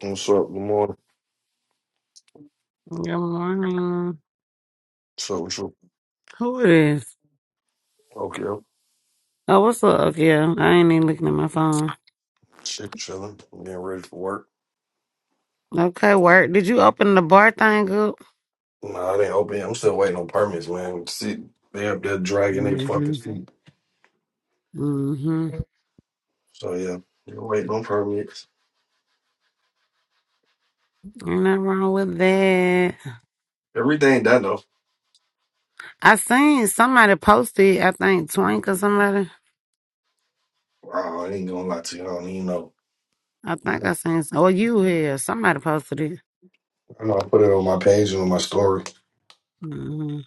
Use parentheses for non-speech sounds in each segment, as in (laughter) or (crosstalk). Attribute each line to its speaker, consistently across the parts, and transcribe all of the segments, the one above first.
Speaker 1: What's up? Good morning.
Speaker 2: Good morning.
Speaker 1: So What's up with
Speaker 2: Who it is?
Speaker 1: Tokyo.
Speaker 2: Oh, what's up? Yeah, I ain't even looking at my phone.
Speaker 1: Shit, chilling. getting ready for work.
Speaker 2: Okay, work. Did you open the bar thing up?
Speaker 1: Nah, I didn't open. it. I'm still waiting on permits, man. See, they up there dragging their fucking
Speaker 2: Mm-hmm.
Speaker 1: feet.
Speaker 2: Mm-hmm.
Speaker 1: So, yeah, you're waiting on permits.
Speaker 2: Ain't nothing wrong with that.
Speaker 1: Everything done, though.
Speaker 2: I seen somebody posted, I think Twink or somebody.
Speaker 1: Oh, I ain't gonna lie to you. I don't even know.
Speaker 2: I think
Speaker 1: Like,
Speaker 2: I seen, or you here. Somebody posted it.
Speaker 1: I know I put it on my page and on my story.
Speaker 2: hmm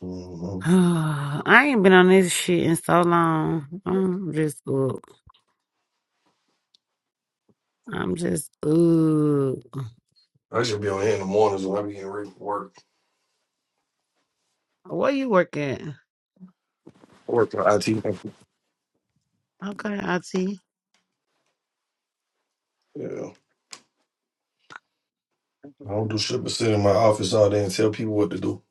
Speaker 1: hmm
Speaker 2: (sighs) I ain't been on this shit in so long. I'm just up. I'm just up.
Speaker 1: I should be on here in the mornings when I be getting ready for work.
Speaker 2: Where you work at?
Speaker 1: Work for IT. company.
Speaker 2: Okay, IT.
Speaker 1: Yeah. I don't do shit but sit in my office all day and tell people what to do.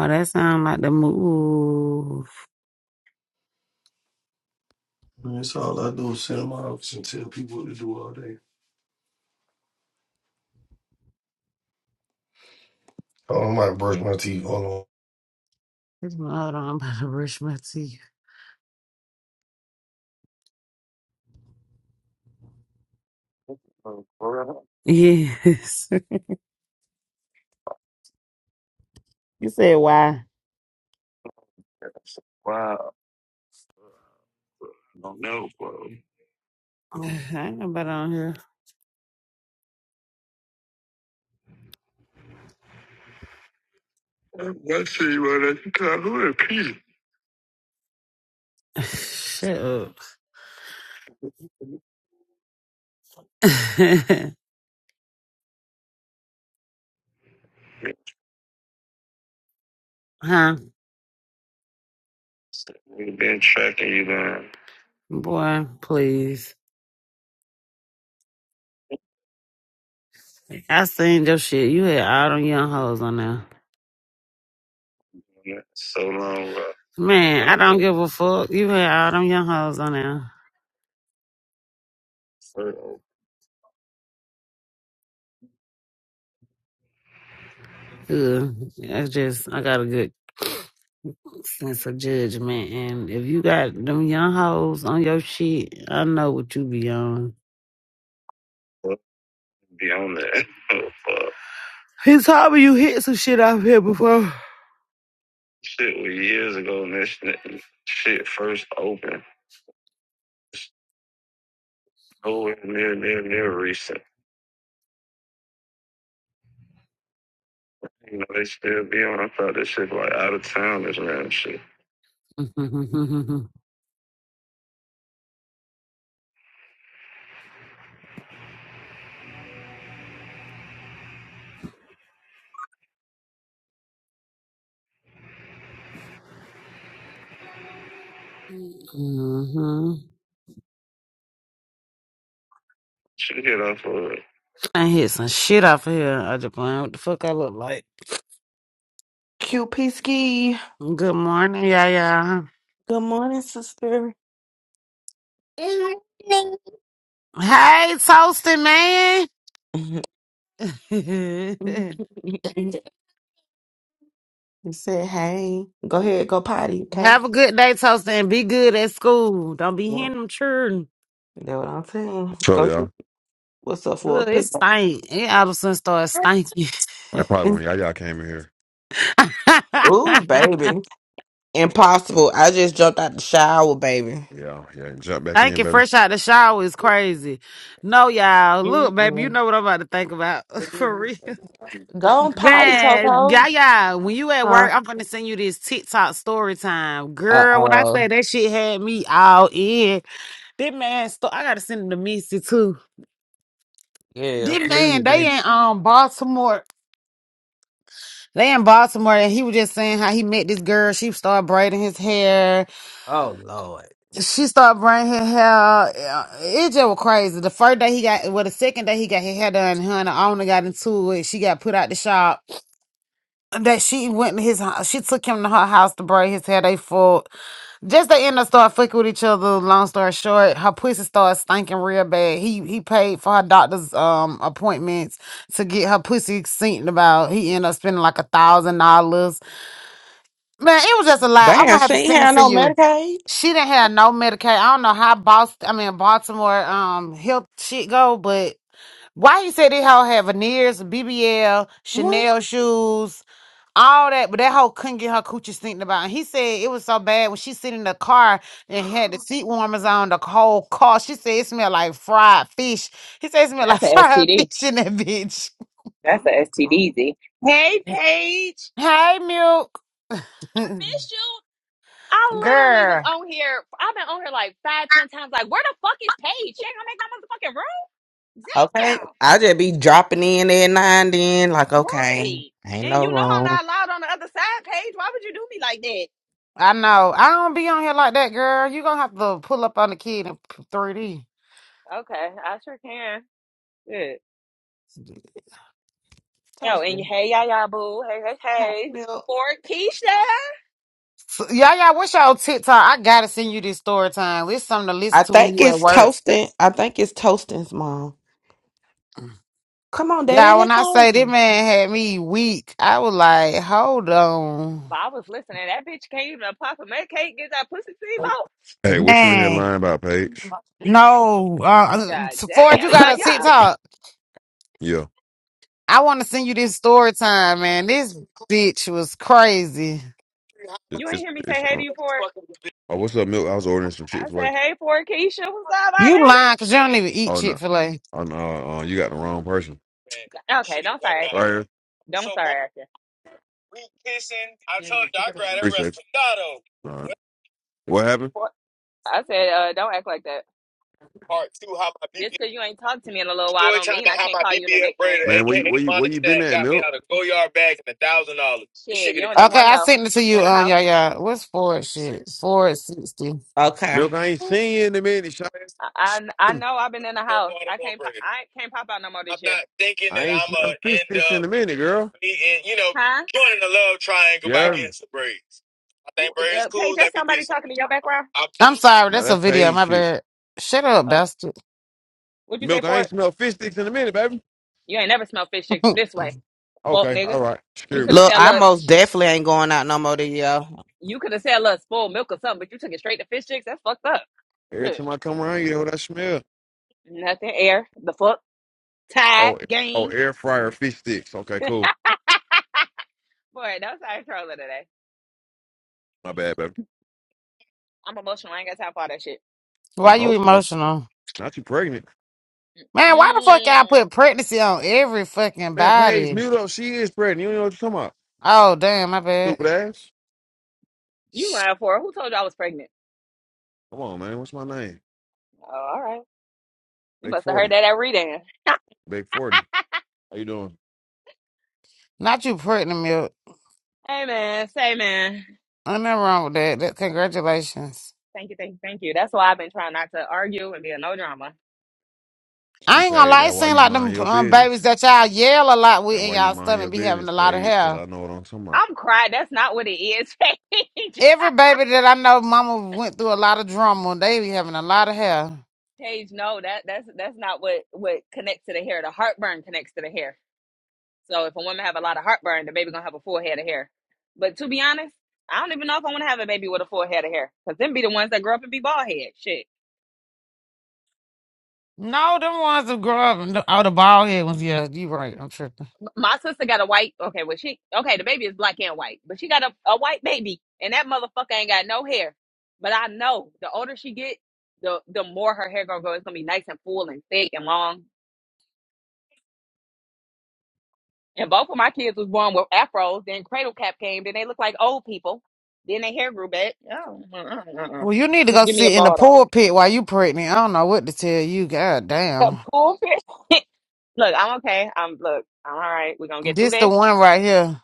Speaker 2: Oh, that sound like the move.
Speaker 1: Man, That's all I do is sit in my office and tell people what to do all day. Oh, I might brush my teeth. Hold on.
Speaker 2: It's my- Hold on, I'm about to brush my teeth. Yes. (laughs) You said why? Wow. (laughs) Oh, I ain't nobody on here. (laughs) Shut up. (laughs) huh? Boy, please. I seen your shit. You had all them young hoes on there. Man, I don't give a fuck. You had all them young hoes on there. Ugh. That's just, I got a good. sense of judgment. And if you got them young hoes on your shit, I know what you be on. He told me you hit some shit off here before. (laughs) hmm I hit some shit off of here. I just playing what the fuck I look like.
Speaker 3: QP Ski.
Speaker 2: Good morning, yeah, yeah.
Speaker 3: Good morning, sister. Good morning.
Speaker 2: Hey, toasting man. (laughs)
Speaker 3: you said, hey, go ahead, go potty, okay?
Speaker 2: Have a good day, toasting, and be good at school. Don't be
Speaker 3: Well,
Speaker 2: hearing them children.
Speaker 3: that's what I'm saying.
Speaker 4: So
Speaker 3: Go,
Speaker 4: y'all,
Speaker 3: what's up for a
Speaker 2: Look, it
Speaker 3: pickup?
Speaker 2: stink. It all of a sudden started stinking.
Speaker 4: that probably when y'all, y'all came in here.
Speaker 3: Ooh,
Speaker 2: (laughs)
Speaker 3: baby. Impossible. I just jumped out the shower, baby.
Speaker 4: Yeah, yeah, jump back
Speaker 2: Thank
Speaker 4: in,
Speaker 2: you.
Speaker 4: baby.
Speaker 2: Fresh out the shower is crazy. No, y'all. Look, baby, you
Speaker 3: Mm-mm.
Speaker 2: know what I'm about to think about. (laughs) For real.
Speaker 3: Go on potty,
Speaker 2: Man,
Speaker 3: Toto.
Speaker 2: yeah, yeah. When you at
Speaker 3: Huh?
Speaker 2: work, I'm gonna send you this TikTok story time. Girl, when I
Speaker 3: Uh-oh.
Speaker 2: say that shit had me all in. This man sto- I gotta send him to Missy too.
Speaker 3: Yeah,
Speaker 2: This man,
Speaker 3: please.
Speaker 2: they in um Baltimore. They in Baltimore and he was just saying how he met this girl. She started braiding his hair.
Speaker 3: Oh, Lord.
Speaker 2: she started braiding her hair. out. It just was crazy. The first day he got, well, the second day he got his hair done, her and the owner got into it. She got put out the shop. That she went to his, hou- she took him to her house to braid his hair. They fought. Just they end up start fucking with each other. Long story short, her pussy started stinking real bad. He he paid for her doctor's um appointments to get her pussy seen about. He ended up spending like a thousand dollars. Man, it was just a lot. I'm
Speaker 3: Damn,
Speaker 2: gonna have
Speaker 3: she
Speaker 2: to
Speaker 3: ain't
Speaker 2: send it
Speaker 3: have
Speaker 2: to
Speaker 3: no
Speaker 2: you.
Speaker 3: Medicaid.
Speaker 2: She didn't have no Medicaid. I don't know how Boston, I mean Baltimore, um, helped shit go, but why you say they hoe had veneers, BBL,
Speaker 3: What?
Speaker 2: Chanel shoes, all that, but that hoe couldn't get her coochie stinking about. And he said it was so bad when she sit in the car and had the seat warmers on the whole car. She said it smelled like fried fish. He said it smelled
Speaker 5: That's
Speaker 2: like (laughs)
Speaker 5: an
Speaker 2: fried
Speaker 5: STD.
Speaker 2: fish in that bitch.
Speaker 3: Oh,
Speaker 5: That's an
Speaker 3: my God.
Speaker 5: STDZ. Hey, Paige.
Speaker 2: Hey, milk,
Speaker 5: I miss you.
Speaker 2: (laughs)
Speaker 5: I literally was
Speaker 2: girl.
Speaker 5: on here. I've been on here like five, ten times. Like, where the fuck is Paige? She ain't gonna make no motherfucking room.
Speaker 3: Okay.
Speaker 5: Damn.
Speaker 3: I just be dropping in at nine. then, like, okay,
Speaker 5: Right.
Speaker 3: ain't
Speaker 5: And
Speaker 3: no
Speaker 5: you know I'm
Speaker 3: room.
Speaker 5: not allowed on the other side, Paige. Why would you do me like that?
Speaker 2: I know. I don't be on here like that, girl. You gonna have to pull up on the kid in 3D.
Speaker 5: Okay, I sure can. Good. Oh, and
Speaker 3: Toasting.
Speaker 5: hey, y'all, boo. Hey, hey,
Speaker 3: Hey,
Speaker 5: hey.
Speaker 3: Milk.
Speaker 5: For Keisha.
Speaker 2: So, yeah, yeah. What's your TikTok? I gotta send you this story time. It's something to listen
Speaker 3: I
Speaker 2: to when
Speaker 3: think
Speaker 2: you at
Speaker 3: it's
Speaker 2: work.
Speaker 3: toasting. I think it's toasting's mom. Come on,
Speaker 2: Yeah,
Speaker 3: Daddy,
Speaker 2: when
Speaker 3: let's
Speaker 2: I say this
Speaker 3: go.
Speaker 2: man had me weak, I was like, hold on,
Speaker 5: But I was listening. That bitch came to Papa May Cake, get that pussy steamboat.
Speaker 4: Hey, what you in here
Speaker 2: man.
Speaker 4: lying about,
Speaker 3: Come
Speaker 4: Paige?
Speaker 2: No, uh,
Speaker 5: God
Speaker 2: uh, Ford, you
Speaker 5: damn. Yeah,
Speaker 3: on.
Speaker 2: got a
Speaker 5: yeah.
Speaker 2: TikTok.
Speaker 4: Yeah,
Speaker 2: I want to send you this story time, man. This bitch was crazy.
Speaker 4: it's
Speaker 5: You ain't
Speaker 4: it's,
Speaker 5: hear me say
Speaker 4: it's
Speaker 5: hey to
Speaker 4: uh,
Speaker 5: you for it.
Speaker 4: oh, what's up, Milk? I was ordering some Chick
Speaker 5: I
Speaker 4: Fil A.
Speaker 5: said, hey, for Keisha, what's up, my
Speaker 2: You lying
Speaker 5: nigga?
Speaker 2: because you don't even eat
Speaker 4: Oh no,
Speaker 2: Chick Fil A.
Speaker 4: oh no, uh, you got the wrong person.
Speaker 5: Okay, don't start
Speaker 4: All
Speaker 5: acting.
Speaker 4: right,
Speaker 5: Don't start acting.
Speaker 2: We kissing. I told you I grabbed that
Speaker 4: appreciate
Speaker 2: respirado.
Speaker 4: you. All right, what happened,
Speaker 5: For- I said, uh, don't act like that.
Speaker 2: Part two, how my BBL
Speaker 5: Just 'cause you ain't talked to me in a little while
Speaker 2: story
Speaker 5: don't
Speaker 2: time
Speaker 5: mean
Speaker 2: about
Speaker 5: I
Speaker 2: how
Speaker 5: can't
Speaker 2: my
Speaker 5: call you the
Speaker 2: BBL
Speaker 5: nickname.
Speaker 2: braider,
Speaker 4: man? Where you where
Speaker 2: aka
Speaker 4: you where you
Speaker 2: Monistat,
Speaker 4: been at,
Speaker 2: got me
Speaker 4: Milk?
Speaker 2: out of go bag and a thousand dollars. This
Speaker 5: Shit,
Speaker 2: shit
Speaker 5: you
Speaker 2: get
Speaker 5: don't even
Speaker 2: Okay,
Speaker 5: want to
Speaker 2: I
Speaker 5: know.
Speaker 2: sent it to you
Speaker 5: In the
Speaker 2: on
Speaker 5: house.
Speaker 2: y'all. y'all. What's Ford shit? Ford sixty.
Speaker 3: Okay.
Speaker 4: Milk, I ain't seen you in a minute. Sh-
Speaker 5: I,
Speaker 4: sh-
Speaker 5: I, I know I've been in the
Speaker 2: for
Speaker 5: house.
Speaker 2: Baltimore
Speaker 5: I can't pop,
Speaker 2: braider.
Speaker 5: I can't pop out no more
Speaker 2: I'm
Speaker 5: this year.
Speaker 2: not thinking
Speaker 4: I
Speaker 2: that
Speaker 4: ain't
Speaker 2: I'ma
Speaker 4: smelled fish
Speaker 2: end
Speaker 4: sticks in
Speaker 2: up
Speaker 4: a minute, girl.
Speaker 2: being, you know,
Speaker 5: Huh?
Speaker 2: joining the love triangle by
Speaker 4: Yeah,
Speaker 2: getting some braids. I think
Speaker 5: Who,
Speaker 2: braids
Speaker 5: uh, Paige,
Speaker 2: cool.
Speaker 5: that's
Speaker 2: Let me get
Speaker 5: somebody
Speaker 2: some.
Speaker 5: talking in your background?
Speaker 2: I'm I'm sorry,
Speaker 4: now
Speaker 2: that's a
Speaker 4: that's
Speaker 2: video.
Speaker 4: Paige
Speaker 2: My
Speaker 4: shit.
Speaker 2: bad. Shut up,
Speaker 5: Oh,
Speaker 2: bastard.
Speaker 5: what'd you say
Speaker 4: Milk, I
Speaker 5: for
Speaker 4: ain't
Speaker 5: it?
Speaker 4: smelled fish sticks in a minute, baby.
Speaker 5: You ain't never smelled fish
Speaker 2: (laughs)
Speaker 5: sticks from this way. Fuck,
Speaker 4: Okay, all
Speaker 5: nigga.
Speaker 4: right,
Speaker 5: You
Speaker 4: sure.
Speaker 5: could have
Speaker 3: Look,
Speaker 5: said,
Speaker 3: I
Speaker 5: look.
Speaker 3: most definitely ain't going out no more this year.
Speaker 5: You could have said a little spoiled milk or something, but you took it straight to fish sticks. That's fucked up.
Speaker 4: Every
Speaker 5: Shit.
Speaker 4: time I come around, you know what I smell.
Speaker 5: Nothing air. The fuck. Tide.
Speaker 4: Oh, oh,
Speaker 5: Game. (laughs)
Speaker 4: air fryer fish sticks. Okay, cool.
Speaker 5: Boy, that's how I troll today.
Speaker 4: My bad, baby.
Speaker 5: I'm emotional. I ain't got time for all that shit.
Speaker 2: Why you
Speaker 4: Emotional.
Speaker 2: emotional?
Speaker 4: Not you pregnant.
Speaker 2: Man, why the fuck y'all
Speaker 5: Mm,
Speaker 2: put pregnancy on every fucking
Speaker 4: Man, Paige,
Speaker 2: body?
Speaker 4: mute up. She is pregnant. You don't know what you're talking about.
Speaker 2: Oh, damn, my bad.
Speaker 4: Stupid ass.
Speaker 5: you
Speaker 2: Shh,
Speaker 5: lying for it. Who told you I was pregnant?
Speaker 4: Come on, man. What's my name?
Speaker 5: Oh, all right. You
Speaker 4: Big
Speaker 5: must have heard
Speaker 4: 40.
Speaker 5: that at reading.
Speaker 4: Big 40. How you doing?
Speaker 2: Not you pregnant milk.
Speaker 5: Hey, man. Say, man.
Speaker 2: Ain't nothing wrong with that. that. Congratulations.
Speaker 5: Thank you, thank you, thank you. That's why I've been trying not to argue and be a no drama.
Speaker 4: She
Speaker 2: I ain't gonna
Speaker 4: paid.
Speaker 2: lie, it
Speaker 4: That why
Speaker 2: seem
Speaker 4: you
Speaker 2: like them
Speaker 4: mind your
Speaker 2: um, babies
Speaker 4: business.
Speaker 2: that y'all yell a lot with
Speaker 4: That
Speaker 2: in
Speaker 4: why you
Speaker 2: y'all
Speaker 4: mind
Speaker 2: stomach
Speaker 4: your
Speaker 2: be having
Speaker 4: business,
Speaker 2: a lot of
Speaker 4: Paige, because
Speaker 2: hair.
Speaker 4: I know what I'm talking about.
Speaker 5: I'm crying. That's not what it is, (laughs) Paige.
Speaker 2: Every baby that I know mama went through a lot of drama, they be having a lot of hair.
Speaker 5: Paige, no, that that's that's not what what connects to the hair. The heartburn connects to the hair. So if a woman have a lot of heartburn, the baby gonna have a full head of hair. But to be honest, I don't even know if I want to have a baby with a full head of hair, cause them be the ones that grow up and be bald head. Shit,
Speaker 2: No, them ones that grow up and the- oh the bald head ones, yeah, you right. I'm tripping.
Speaker 5: my sister got a white. Okay, well she okay, the baby is black and white, but she got a, a white baby, and that motherfucker ain't got no hair. But I know the older she get, the the more her hair gonna go. It's gonna be nice and full and thick and long. And both of my kids was born with afros. Then cradle cap came. Then they look like old people. Then their hair grew back. Oh, uh-uh, uh-uh.
Speaker 2: Well, you need to
Speaker 5: just
Speaker 2: go
Speaker 5: give me a
Speaker 2: sit in the
Speaker 5: bald already.
Speaker 2: pulpit while you pregnant. I don't know what to tell you. God
Speaker 5: (laughs) A pool
Speaker 2: damn.
Speaker 5: pulpit? (laughs) look, I'm okay. I'm look, I'm all right. We're gonna get through
Speaker 2: This the
Speaker 5: this.
Speaker 2: one right here.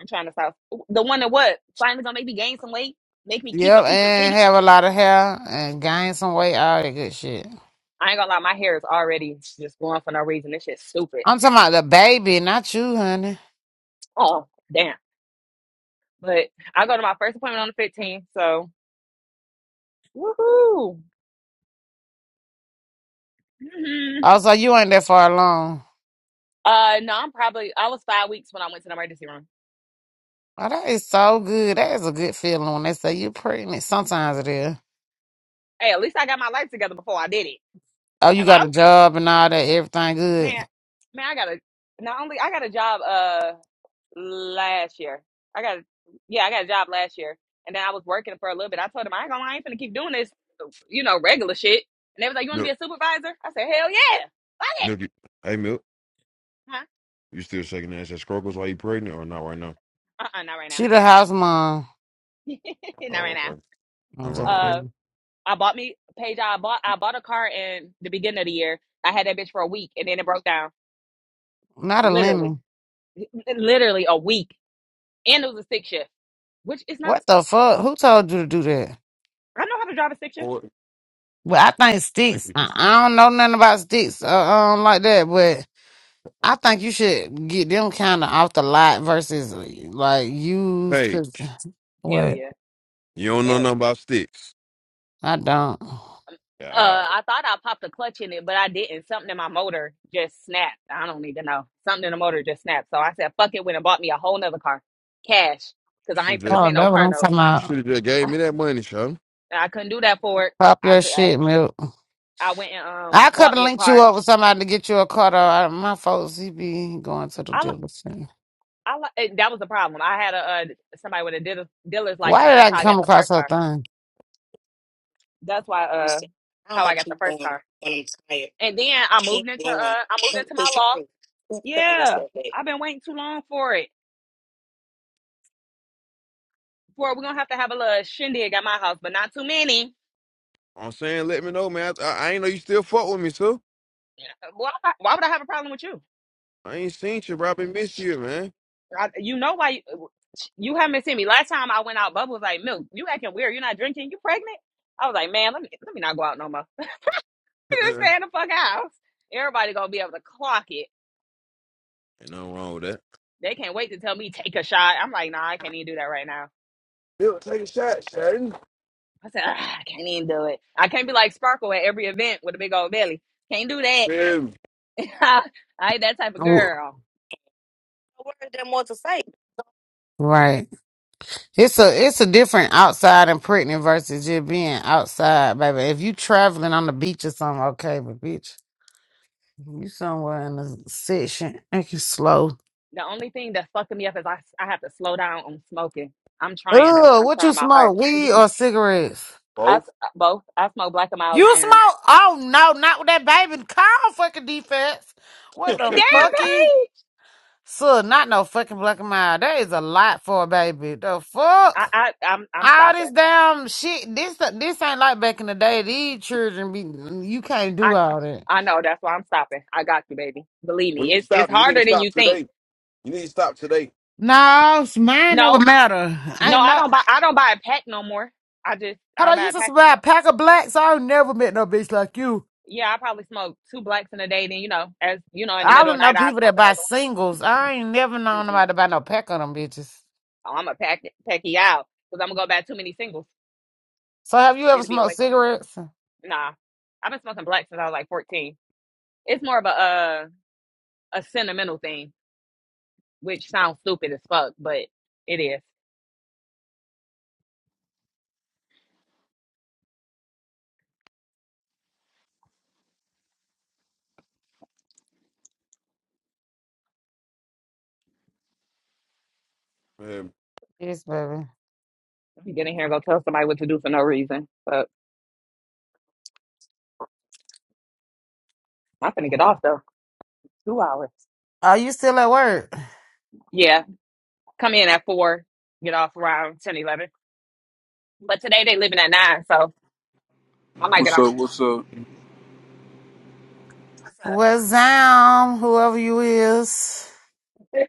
Speaker 5: I'm trying to stop the one that what finally gonna make me gain some weight, make me keep a
Speaker 2: Yep,
Speaker 5: piece of
Speaker 2: and
Speaker 5: titty.
Speaker 2: have a lot of hair and gain some weight, all that good shit.
Speaker 5: I ain't gonna lie, my hair is already just going for no reason. This shit's stupid.
Speaker 2: I'm talking about the baby, not you, honey.
Speaker 5: Oh damn! But I go to my first appointment on the 15th, so woohoo! hmm
Speaker 2: Also, you ain't that far along.
Speaker 5: Uh, no, I'm probably I was five weeks when I went to the emergency room.
Speaker 2: Oh, that is so good. That is a good feeling when they say you're pregnant. Sometimes it is.
Speaker 5: Hey, at least I got my life together before I did it.
Speaker 2: Oh, you got a
Speaker 5: Hello,
Speaker 2: job and all that. Everything
Speaker 5: man,
Speaker 2: good.
Speaker 5: man, I got a not only I got a job. Uh. last year. I got yeah, I got a job last year, and then I was working for a little bit. I told them I ain't gonna, I ain't finna keep doing this, uh, you know, regular shit. And they was like, "You want to be
Speaker 4: Milk.
Speaker 5: a supervisor?" I said, "Hell yeah, fuck it."
Speaker 4: Milk. You, hey, Milk.
Speaker 5: Huh?
Speaker 4: You still shaking ass at Scruggles while you pregnant or not right now?
Speaker 5: Uh, uh not right
Speaker 2: She
Speaker 5: now.
Speaker 2: the house mom.
Speaker 5: (laughs) not right
Speaker 4: Oh, okay.
Speaker 5: now.
Speaker 2: I'm
Speaker 4: Nothing
Speaker 2: just
Speaker 4: wrong with that.
Speaker 5: Uh,
Speaker 2: lying.
Speaker 5: I bought me Paige. I bought I bought a car in the beginning of the year. I had that bitch for a week, and then it broke down.
Speaker 2: Not a
Speaker 5: Literally,
Speaker 2: lemon.
Speaker 5: literally a week, and it was a stick shift, which is not.
Speaker 2: What the fuck? Who told you to do that?
Speaker 5: I know how to drive a stick shift.
Speaker 4: Forty.
Speaker 2: Well, I think
Speaker 4: Thank
Speaker 2: sticks.
Speaker 4: you.
Speaker 2: I, I don't know nothing about sticks. Uh, um, like that. But I think you should get them kind of off the lot versus like used.
Speaker 4: Paige,
Speaker 2: Cause (sighs)
Speaker 5: Hell
Speaker 2: what?
Speaker 5: yeah,
Speaker 4: you don't know
Speaker 5: hell yeah.
Speaker 4: nothing about sticks.
Speaker 2: I don't. Oh,
Speaker 4: Yeah,
Speaker 5: Uh,
Speaker 4: all
Speaker 5: I thought I popped a clutch in it, but I didn't. Something in my motor just snapped. I don't even know. Something in the motor just snapped. So I said, fuck it, went and bought me a whole nother car, cash, because I
Speaker 4: right.
Speaker 5: ain't
Speaker 4: (laughs)
Speaker 5: finna pay no
Speaker 2: that's what
Speaker 5: car
Speaker 2: I'm
Speaker 5: note.
Speaker 2: talking
Speaker 4: You should
Speaker 2: about.
Speaker 4: have just gave me that money, son.
Speaker 5: And I couldn't do that for it.
Speaker 2: Pop
Speaker 5: I
Speaker 2: your
Speaker 5: could. I,
Speaker 2: shit, milk.
Speaker 5: I went and um
Speaker 2: I could
Speaker 5: bought
Speaker 2: have
Speaker 5: me a
Speaker 2: linked you
Speaker 5: car.
Speaker 2: up with somebody to get you a car. Though. I, my folks, he be going to the
Speaker 5: I li-
Speaker 2: dealership.
Speaker 5: I li- eh, that was the problem. I had a uh, somebody with a dealer, dealer's
Speaker 2: Why
Speaker 5: license.
Speaker 2: did
Speaker 5: That's
Speaker 2: I
Speaker 5: how I got
Speaker 2: come
Speaker 5: the
Speaker 2: across
Speaker 5: first
Speaker 2: her
Speaker 5: car.
Speaker 2: thing?
Speaker 5: That's why uh how I got the first car. And then I moved into uh I moved into my law. Yeah, I've been waiting too long for it. Boy, we're gonna have to have a little shindig at my house, but not too many.
Speaker 4: I'm saying, let me know, man. I, I, I ain't know you still fuck with me, so
Speaker 5: Yeah. Why, why would I have a problem with you?
Speaker 4: I ain't seen you, bro. I been miss you, man.
Speaker 5: I, you know why? You, you haven't seen me. Last time I went out, Bubba was like, "Milk, you acting weird. You're not drinking. You pregnant?" I was like, "Man, let me let me not go out no more. (laughs) Let
Speaker 4: (laughs)
Speaker 5: me Just
Speaker 4: ain't
Speaker 5: stay in the fuck house. Everybody gonna be able to clock it.
Speaker 4: nothing wrong with that.
Speaker 5: They can't wait to tell me take a shot. I'm like, nah, I can't even do that right now.
Speaker 4: Bill, take a shot, Sharon.
Speaker 5: I said, "Ah, I can't even do it. I can't be like Sparkle at every event with a big old belly. Can't do that.
Speaker 4: Man,
Speaker 5: (laughs) I ain't that type of
Speaker 2: W-
Speaker 5: girl.
Speaker 2: Right. It's a it's a different outside and pregnant versus just being outside, baby. If you traveling on the beach or something, okay, but bitch, you somewhere in the section, make you slow.
Speaker 5: The only thing that's fucking me up is I I have to slow down on smoking. I'm trying though.
Speaker 2: Ugh,
Speaker 5: I'm
Speaker 2: what you
Speaker 5: trying my
Speaker 2: smoke?
Speaker 5: hardest.
Speaker 2: Weed or cigarettes?
Speaker 5: I s-
Speaker 4: both.
Speaker 5: uh, both I smoke black and miles
Speaker 2: You
Speaker 5: and
Speaker 2: smoke? Oh no, not with that baby. Call fucking defense. What
Speaker 4: (laughs)
Speaker 2: the
Speaker 5: damn
Speaker 2: fucky?
Speaker 5: Paige.
Speaker 2: So not no fucking black and mild. That is a lot for a baby. The
Speaker 5: I,
Speaker 2: fuck?
Speaker 5: I I'm I'm
Speaker 2: All
Speaker 5: stopping.
Speaker 2: this damn shit. This this ain't like back in the day. These children be you can't do
Speaker 5: I
Speaker 2: all that.
Speaker 5: I know that's why I'm stopping. I got you, baby. Believe
Speaker 4: when
Speaker 5: me,
Speaker 4: you
Speaker 5: it's it's
Speaker 4: stop, you need to
Speaker 5: harder than
Speaker 4: stop
Speaker 5: you think.
Speaker 4: today. You need to stop today.
Speaker 2: No, mine don't
Speaker 5: No,
Speaker 2: matter.
Speaker 5: no,
Speaker 2: Ain't
Speaker 5: I
Speaker 2: no.
Speaker 5: don't buy I don't buy a pack no more. I just I
Speaker 2: Hold
Speaker 5: don't
Speaker 2: on, you
Speaker 5: buy a
Speaker 2: used to
Speaker 5: pack no
Speaker 2: buy a
Speaker 5: more.
Speaker 2: pack of blacks. I ain't never met no bitch like you.
Speaker 5: Yeah, I probably smoke two blacks in a day. Then you know, as you know, in the
Speaker 2: I
Speaker 5: middle of
Speaker 2: don't
Speaker 5: the
Speaker 2: know
Speaker 5: night I
Speaker 2: people
Speaker 5: smoke
Speaker 2: that buy
Speaker 5: another
Speaker 2: singles. I ain't never known
Speaker 5: one. Mm-mm.
Speaker 2: nobody to buy no pack of them bitches.
Speaker 5: Oh, I'm a pack packy out because I'm gonna go buy too many singles.
Speaker 2: So have you ever
Speaker 5: It'll be a
Speaker 2: smoked
Speaker 5: waste of money.
Speaker 2: cigarettes?
Speaker 5: Nah, I've been smoking black since I was like 14. It's more of a uh, a sentimental thing, which sounds stupid as fuck, but it is.
Speaker 4: Man,
Speaker 2: Yes, baby.
Speaker 5: You get in here and go tell somebody what to do for no reason. But I'm finna get off though. Two hours.
Speaker 2: Are you still at work?
Speaker 5: Yeah, come in at four, get off around 10, 11. But today they living at nine, so I might get
Speaker 6: What's
Speaker 5: off.
Speaker 6: up? What's up?
Speaker 5: What's up?
Speaker 2: Well, Zam, whoever you is.
Speaker 5: (laughs)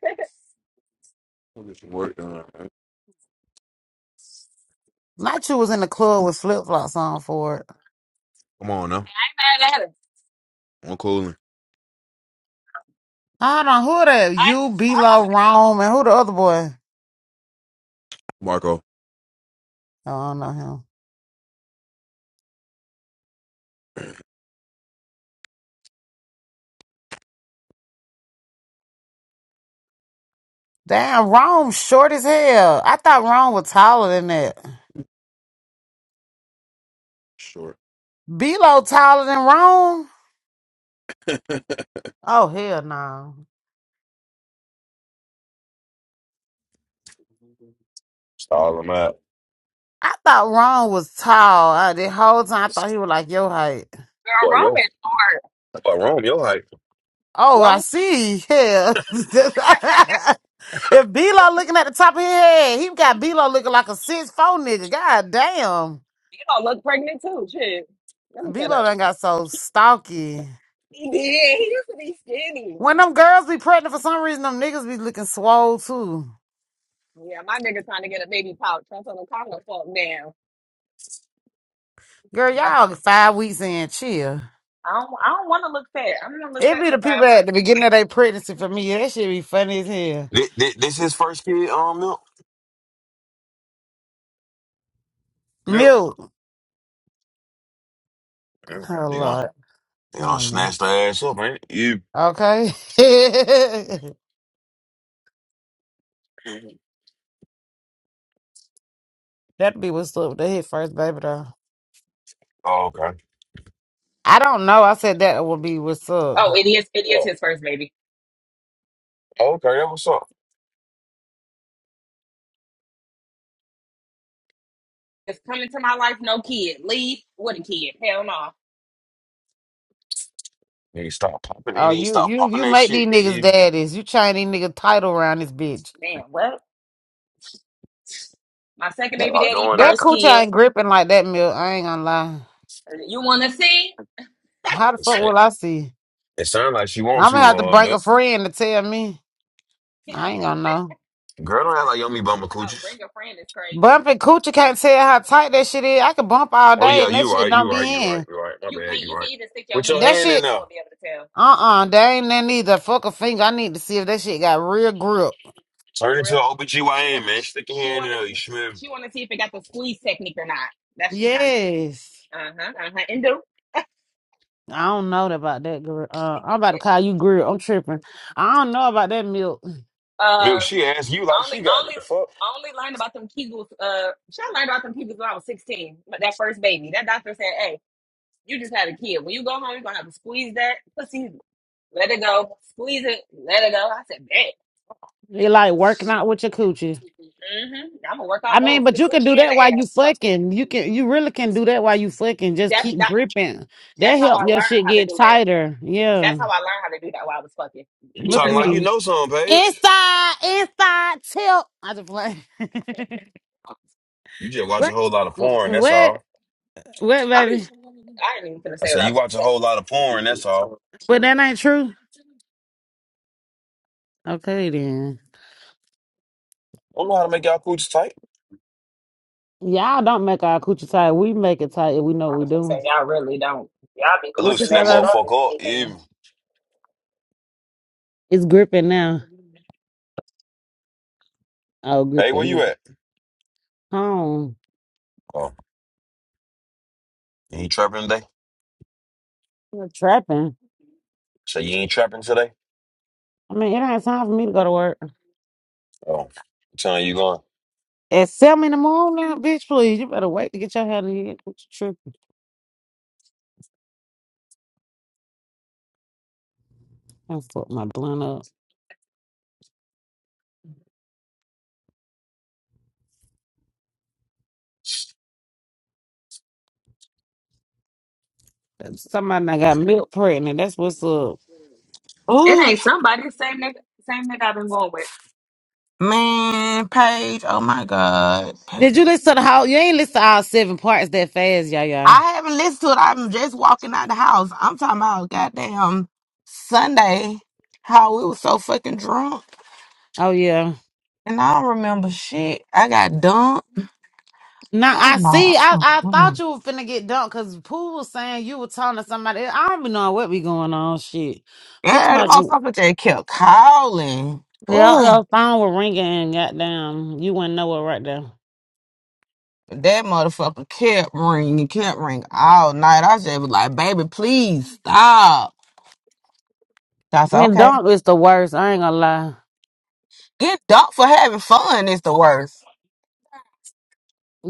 Speaker 4: we'll get some work done, man.
Speaker 2: My shoe was in the club with flip flops on for it.
Speaker 4: Come on now.
Speaker 5: They mad at us.
Speaker 4: I'm cooling.
Speaker 2: I don't know who that.
Speaker 5: I,
Speaker 2: You,
Speaker 5: I have
Speaker 2: Lo
Speaker 5: a
Speaker 2: Rome, and who the other boy?
Speaker 4: Marco.
Speaker 2: I don't know him. Damn, Rome short as hell. I thought Rome was taller than that.
Speaker 4: Sure.
Speaker 2: Lo taller than Rome?
Speaker 4: (laughs)
Speaker 2: Oh hell no.
Speaker 4: Stall him out.
Speaker 2: I thought Rome was tall. I, the whole time I thought he was like your height.
Speaker 4: Boy,
Speaker 5: girl
Speaker 4: yo, what wrong Yo, your
Speaker 2: Oh,
Speaker 5: Roman or
Speaker 2: I
Speaker 5: Rome.
Speaker 2: see. Hell. (laughs) if Lo looking at the top of his head, he got Lo looking like a six four nigga. God damn.
Speaker 5: (laughs) You don't look pregnant too. Shit. Let me shut
Speaker 2: Velo
Speaker 5: up.
Speaker 2: done got so stalky.
Speaker 5: He did. He used to be skinny.
Speaker 2: When them girls be pregnant for some reason, them niggas be looking swole too.
Speaker 5: Yeah, my nigga trying to get a baby pouch. That's on the kind of fuck now.
Speaker 2: Girl,
Speaker 5: 'Cause I
Speaker 2: y'all five weeks in, chill.
Speaker 5: I don't, I don't want to look fat. I don't want to look
Speaker 2: It
Speaker 5: fat
Speaker 2: be
Speaker 5: to
Speaker 2: the people
Speaker 5: five
Speaker 2: at
Speaker 5: months.
Speaker 2: the beginning of their pregnancy for me. That shit be funny as hell.
Speaker 4: This, this, his first kid, um, milk. Milk.
Speaker 2: Milk.
Speaker 4: Damn.
Speaker 2: Oh
Speaker 4: They gonna,
Speaker 2: Lord.
Speaker 4: they
Speaker 2: I
Speaker 4: gonna
Speaker 2: don't know.
Speaker 4: snatch the ass up, ain't it?
Speaker 2: Okay. (laughs) That'd be what's up with the hit first, baby though.
Speaker 4: Oh, okay.
Speaker 2: I don't know. I said that would be what's up.
Speaker 5: Oh, it is, it is
Speaker 4: Oh,
Speaker 5: his first baby.
Speaker 4: okay. That was up.
Speaker 5: It's coming to my life, no kid. Leave with a kid. Hell no.
Speaker 4: You need to stop popping. You
Speaker 2: Oh,
Speaker 4: need to
Speaker 2: you
Speaker 4: stop
Speaker 2: you
Speaker 4: popping
Speaker 2: you
Speaker 4: that
Speaker 2: make these
Speaker 4: shit.
Speaker 2: niggas
Speaker 4: You
Speaker 2: daddies. You change these nigga title around this bitch.
Speaker 5: Man, well, my second
Speaker 2: That
Speaker 5: baby
Speaker 4: stop
Speaker 2: that's,
Speaker 5: daddy,
Speaker 4: doing
Speaker 2: that
Speaker 4: that.
Speaker 5: first
Speaker 2: coochie
Speaker 5: kid.
Speaker 2: ain't gripping like that milk. I ain't gonna lie.
Speaker 5: You want to see?
Speaker 2: How the
Speaker 4: It
Speaker 2: fuck
Speaker 4: sound,
Speaker 2: will I see?
Speaker 4: it sound like she want
Speaker 2: I'm gonna
Speaker 4: to,
Speaker 2: have to
Speaker 4: uh,
Speaker 2: bring a
Speaker 4: milk.
Speaker 2: friend to tell me.
Speaker 5: (laughs) Yeah.
Speaker 2: I
Speaker 5: I-
Speaker 2: ain't gonna know.
Speaker 4: Girl, don't act like yummy bummer
Speaker 5: Oh,
Speaker 4: coochies.
Speaker 5: bring a friend is crazy.
Speaker 2: Bumping coochie can't tell how tight that shit is. I could bump
Speaker 5: You
Speaker 2: all
Speaker 4: Oh,
Speaker 2: day
Speaker 4: yeah,
Speaker 5: can't,
Speaker 2: and that
Speaker 4: you
Speaker 2: shit
Speaker 4: right.
Speaker 2: don't
Speaker 4: You right.
Speaker 2: be
Speaker 4: You right.
Speaker 2: in.
Speaker 4: You right. My
Speaker 5: you can't,
Speaker 4: bad. You
Speaker 5: you can
Speaker 4: right.
Speaker 5: even stick your
Speaker 4: Put your
Speaker 5: hands
Speaker 2: That
Speaker 5: in it.
Speaker 4: hand
Speaker 5: You
Speaker 4: in
Speaker 2: shit,
Speaker 5: still
Speaker 4: there.
Speaker 5: won't be able to tell.
Speaker 2: uh uh They ain't nothing either. Fuck a finger. I need to see if that shit got real grip.
Speaker 4: Turn into
Speaker 5: Grip.
Speaker 4: an
Speaker 5: She want,
Speaker 4: OBGYN, man.
Speaker 5: she,
Speaker 4: Stick your
Speaker 5: she
Speaker 4: hand in
Speaker 5: want
Speaker 4: there. You
Speaker 5: to,
Speaker 4: smell me.
Speaker 5: she want to see if it got the squeeze technique or not. That's she trying to see.
Speaker 2: Yes.
Speaker 5: Uh-huh. Uh-huh. And do.
Speaker 2: I don't know about that girl. Uh, I'm about to call you grill. I'm tripping. I don't know about that milk.
Speaker 5: Uh
Speaker 4: Milk, she asked you like
Speaker 5: only
Speaker 4: she got it.
Speaker 5: only
Speaker 4: The fuck?
Speaker 5: only learned about them Kegels uh should I learned about them Kegels when I was sixteen. But that first baby. That doctor said, Hey, you just had a kid. When you go home, you're gonna have to squeeze that pussy. Let it go. Squeeze it, let it go. I said, Bet.
Speaker 2: You like working out with your coochie.
Speaker 5: Mm-hmm. I'm gonna work out
Speaker 2: I mean,
Speaker 5: both. The
Speaker 2: but you can
Speaker 5: coochie
Speaker 2: do
Speaker 5: and
Speaker 2: that while
Speaker 5: the
Speaker 2: you
Speaker 5: ass. Fuck it.
Speaker 2: fucking. You can you really can do that while you fucking. Just
Speaker 5: That
Speaker 2: keep
Speaker 5: that
Speaker 2: gripping. That
Speaker 5: that's how I
Speaker 2: help your
Speaker 5: learned
Speaker 2: shit
Speaker 5: how to
Speaker 2: get
Speaker 5: do that.
Speaker 2: tighter.
Speaker 5: That's
Speaker 2: Yeah.
Speaker 5: how I learned how to do that while I was fucking
Speaker 4: You
Speaker 2: Look
Speaker 5: because
Speaker 2: at
Speaker 4: talking
Speaker 5: of the
Speaker 4: like
Speaker 5: OB.
Speaker 4: you
Speaker 2: me.
Speaker 4: know something, Paige.
Speaker 2: Inside, inside, tilt. I just play. (laughs)
Speaker 4: You just watch a
Speaker 2: what?
Speaker 4: whole lot of
Speaker 2: What?
Speaker 4: porn, that's all.
Speaker 2: What,
Speaker 5: I'll be
Speaker 2: baby?
Speaker 5: I ain't even gonna
Speaker 4: I
Speaker 5: say
Speaker 4: said,
Speaker 5: what I
Speaker 4: you watch
Speaker 5: was.
Speaker 4: a whole lot of porn, that's all.
Speaker 2: But that ain't true. Okay then.
Speaker 4: I don't know how to make y'all coochies tight.
Speaker 2: Y'all don't make our coochie tight. We make it tight if we know
Speaker 5: I
Speaker 2: what
Speaker 5: was
Speaker 2: we're
Speaker 5: gonna say
Speaker 2: doing.
Speaker 5: y'all really don't. Y'all be
Speaker 2: What you
Speaker 5: loosening
Speaker 4: Loosen
Speaker 2: say,
Speaker 4: that
Speaker 5: that shit
Speaker 2: baby?
Speaker 5: up if
Speaker 4: motherfucker up.
Speaker 5: anything.
Speaker 4: You,
Speaker 2: It's gripping now. Oh,
Speaker 4: hey, where
Speaker 2: gripping.
Speaker 4: you
Speaker 2: now.
Speaker 4: at?
Speaker 2: Home.
Speaker 4: Oh, you ain't trapping today?
Speaker 2: You're trapping.
Speaker 4: So you ain't trapping today?
Speaker 2: I mean, it ain't time for me to go to work.
Speaker 4: Oh, what time you going?
Speaker 2: At seven in the morning now, bitch, please. You better wait to get your head in here. What you tripping? I fucked my blunt up. Somebody done got milk pregnant. That's what's up.
Speaker 5: It
Speaker 3: Oh,
Speaker 5: ain't somebody the same nigga same nigga I've been going with.
Speaker 3: man, Paige. Oh, my God.
Speaker 2: Did you listen to the whole? You ain't listen to all seven parts that fast, y'all, y'all.
Speaker 3: I haven't listened to it. I'm just walking out the house. I'm talking about goddamn Sunday, how we was so fucking drunk.
Speaker 2: Oh, yeah.
Speaker 3: And I don't remember shit. I got dumped.
Speaker 2: Now I
Speaker 3: I'm like, I
Speaker 2: see. I,
Speaker 3: don't
Speaker 2: I thought
Speaker 3: remember.
Speaker 2: you were finna get dumped because Pooh was saying you were talking to somebody. I don't be knowing what be going on. Shit, Pooh to
Speaker 3: Yeah, the
Speaker 2: my
Speaker 3: motherfucker just kept calling.
Speaker 2: yeah,
Speaker 3: Ooh.
Speaker 2: your phone was ringing and goddamn, you wouldn't know it right there.
Speaker 3: That motherfucker kept ringing, kept ringing all night. I just was like, baby, please stop. I said,
Speaker 2: Getting
Speaker 3: okay.
Speaker 2: dumped is the worst. I ain't gonna lie.
Speaker 3: Get dumped for having fun is the worst.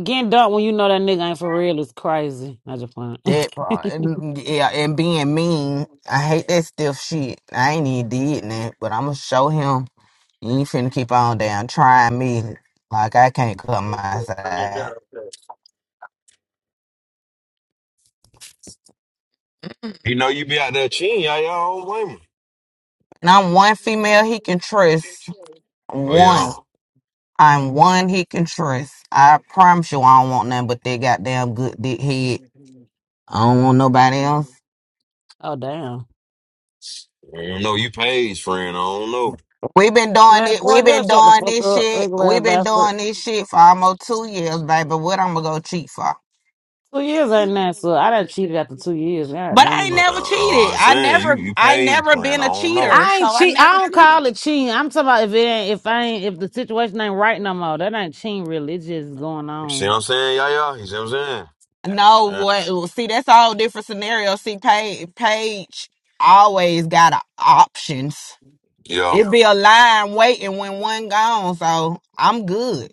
Speaker 2: Getting dumped when you know that nigga ain't for real is crazy. I just playing. (laughs)
Speaker 3: That part, and- yeah, and being mean, I hate that stiff shit. I ain't even did that, but I'm gonna show him. You ain't finna keep on down trying me like I can't come my side.
Speaker 4: You know you be out there cheating, y'all. Y'all don't blame me.
Speaker 3: And I'm one female he can trust.
Speaker 4: Oh,
Speaker 3: One,
Speaker 4: yeah.
Speaker 3: I'm one he can trust. I promise you, I don't want nothing but that goddamn good dick head. I don't want nobody else.
Speaker 2: oh damn,
Speaker 4: I don't know. You pays, friend. I don't know.
Speaker 3: we been doing
Speaker 2: man,
Speaker 3: it. we
Speaker 2: boy,
Speaker 3: been
Speaker 2: just shut the
Speaker 3: doing
Speaker 2: fuck
Speaker 3: this
Speaker 2: up,
Speaker 3: shit.
Speaker 2: regular
Speaker 3: we
Speaker 2: ass
Speaker 3: been
Speaker 2: bastard.
Speaker 3: doing this shit for almost two years, baby. What I'm gonna go cheat for?
Speaker 2: Two years ain't that so? I done cheated after two years. God
Speaker 3: But I ain't
Speaker 2: damn.
Speaker 4: Uh,
Speaker 3: never
Speaker 4: uh,
Speaker 3: cheated.
Speaker 4: I'm
Speaker 3: I
Speaker 4: saying
Speaker 3: never,
Speaker 4: you you
Speaker 3: I
Speaker 4: paid,
Speaker 3: never
Speaker 4: friend.
Speaker 3: been
Speaker 4: I
Speaker 3: a
Speaker 4: don't know.
Speaker 3: cheater,
Speaker 2: I
Speaker 3: so
Speaker 2: ain't
Speaker 3: I
Speaker 2: cheat.
Speaker 3: never
Speaker 2: I don't
Speaker 3: cheated.
Speaker 2: call it cheating. I'm talking about if it ain't, if I ain't, if the situation ain't right no more. That ain't cheating, really. It's just going
Speaker 4: You see what
Speaker 2: on.
Speaker 4: I'm saying, y'all? y'all? You see what I'm saying?
Speaker 3: No,
Speaker 4: Yeah.
Speaker 3: what? well, See, that's all different scenario. See, Paige, Paige always got a, options.
Speaker 4: Yo,
Speaker 3: It be a line waiting when one gone, so I'm good.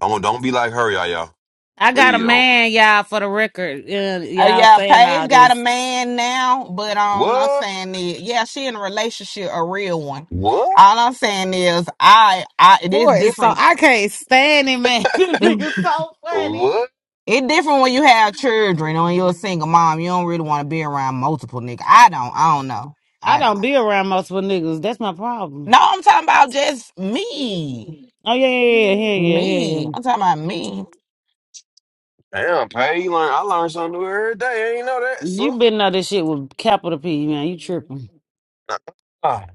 Speaker 4: don't don't be like her, y'all. y'all.
Speaker 2: I got a
Speaker 4: Please don't.
Speaker 2: man, y'all, for the record. Uh,
Speaker 3: Uh,
Speaker 2: y'all
Speaker 3: yeah,
Speaker 2: saying all
Speaker 3: Paige got a
Speaker 2: this
Speaker 3: man now, but um, I'm
Speaker 4: What?
Speaker 3: saying is, yeah, she in a relationship, a real one.
Speaker 4: What?
Speaker 3: All I'm saying is, I, I, it is
Speaker 2: for it, so
Speaker 3: different.
Speaker 2: I can't stand him, man. (laughs) this
Speaker 3: (laughs)
Speaker 2: nigga's so funny.
Speaker 4: What?
Speaker 3: It different when you have children or when you're a single mom. You don't really want to be around multiple niggas. I don't. I don't know.
Speaker 2: I
Speaker 3: I don't.
Speaker 2: don't be around multiple niggas. That's my problem.
Speaker 3: No, I'm talking about just me.
Speaker 2: Oh yeah, yeah, yeah, yeah, yeah, yeah. yeah.
Speaker 3: Me.
Speaker 2: yeah.
Speaker 3: I'm talking about me.
Speaker 4: Damn, Pay, you learn. I learn something new every day. I ain't know that, so.
Speaker 2: You been know this shit with capital P, man. You tripping?
Speaker 4: Ah,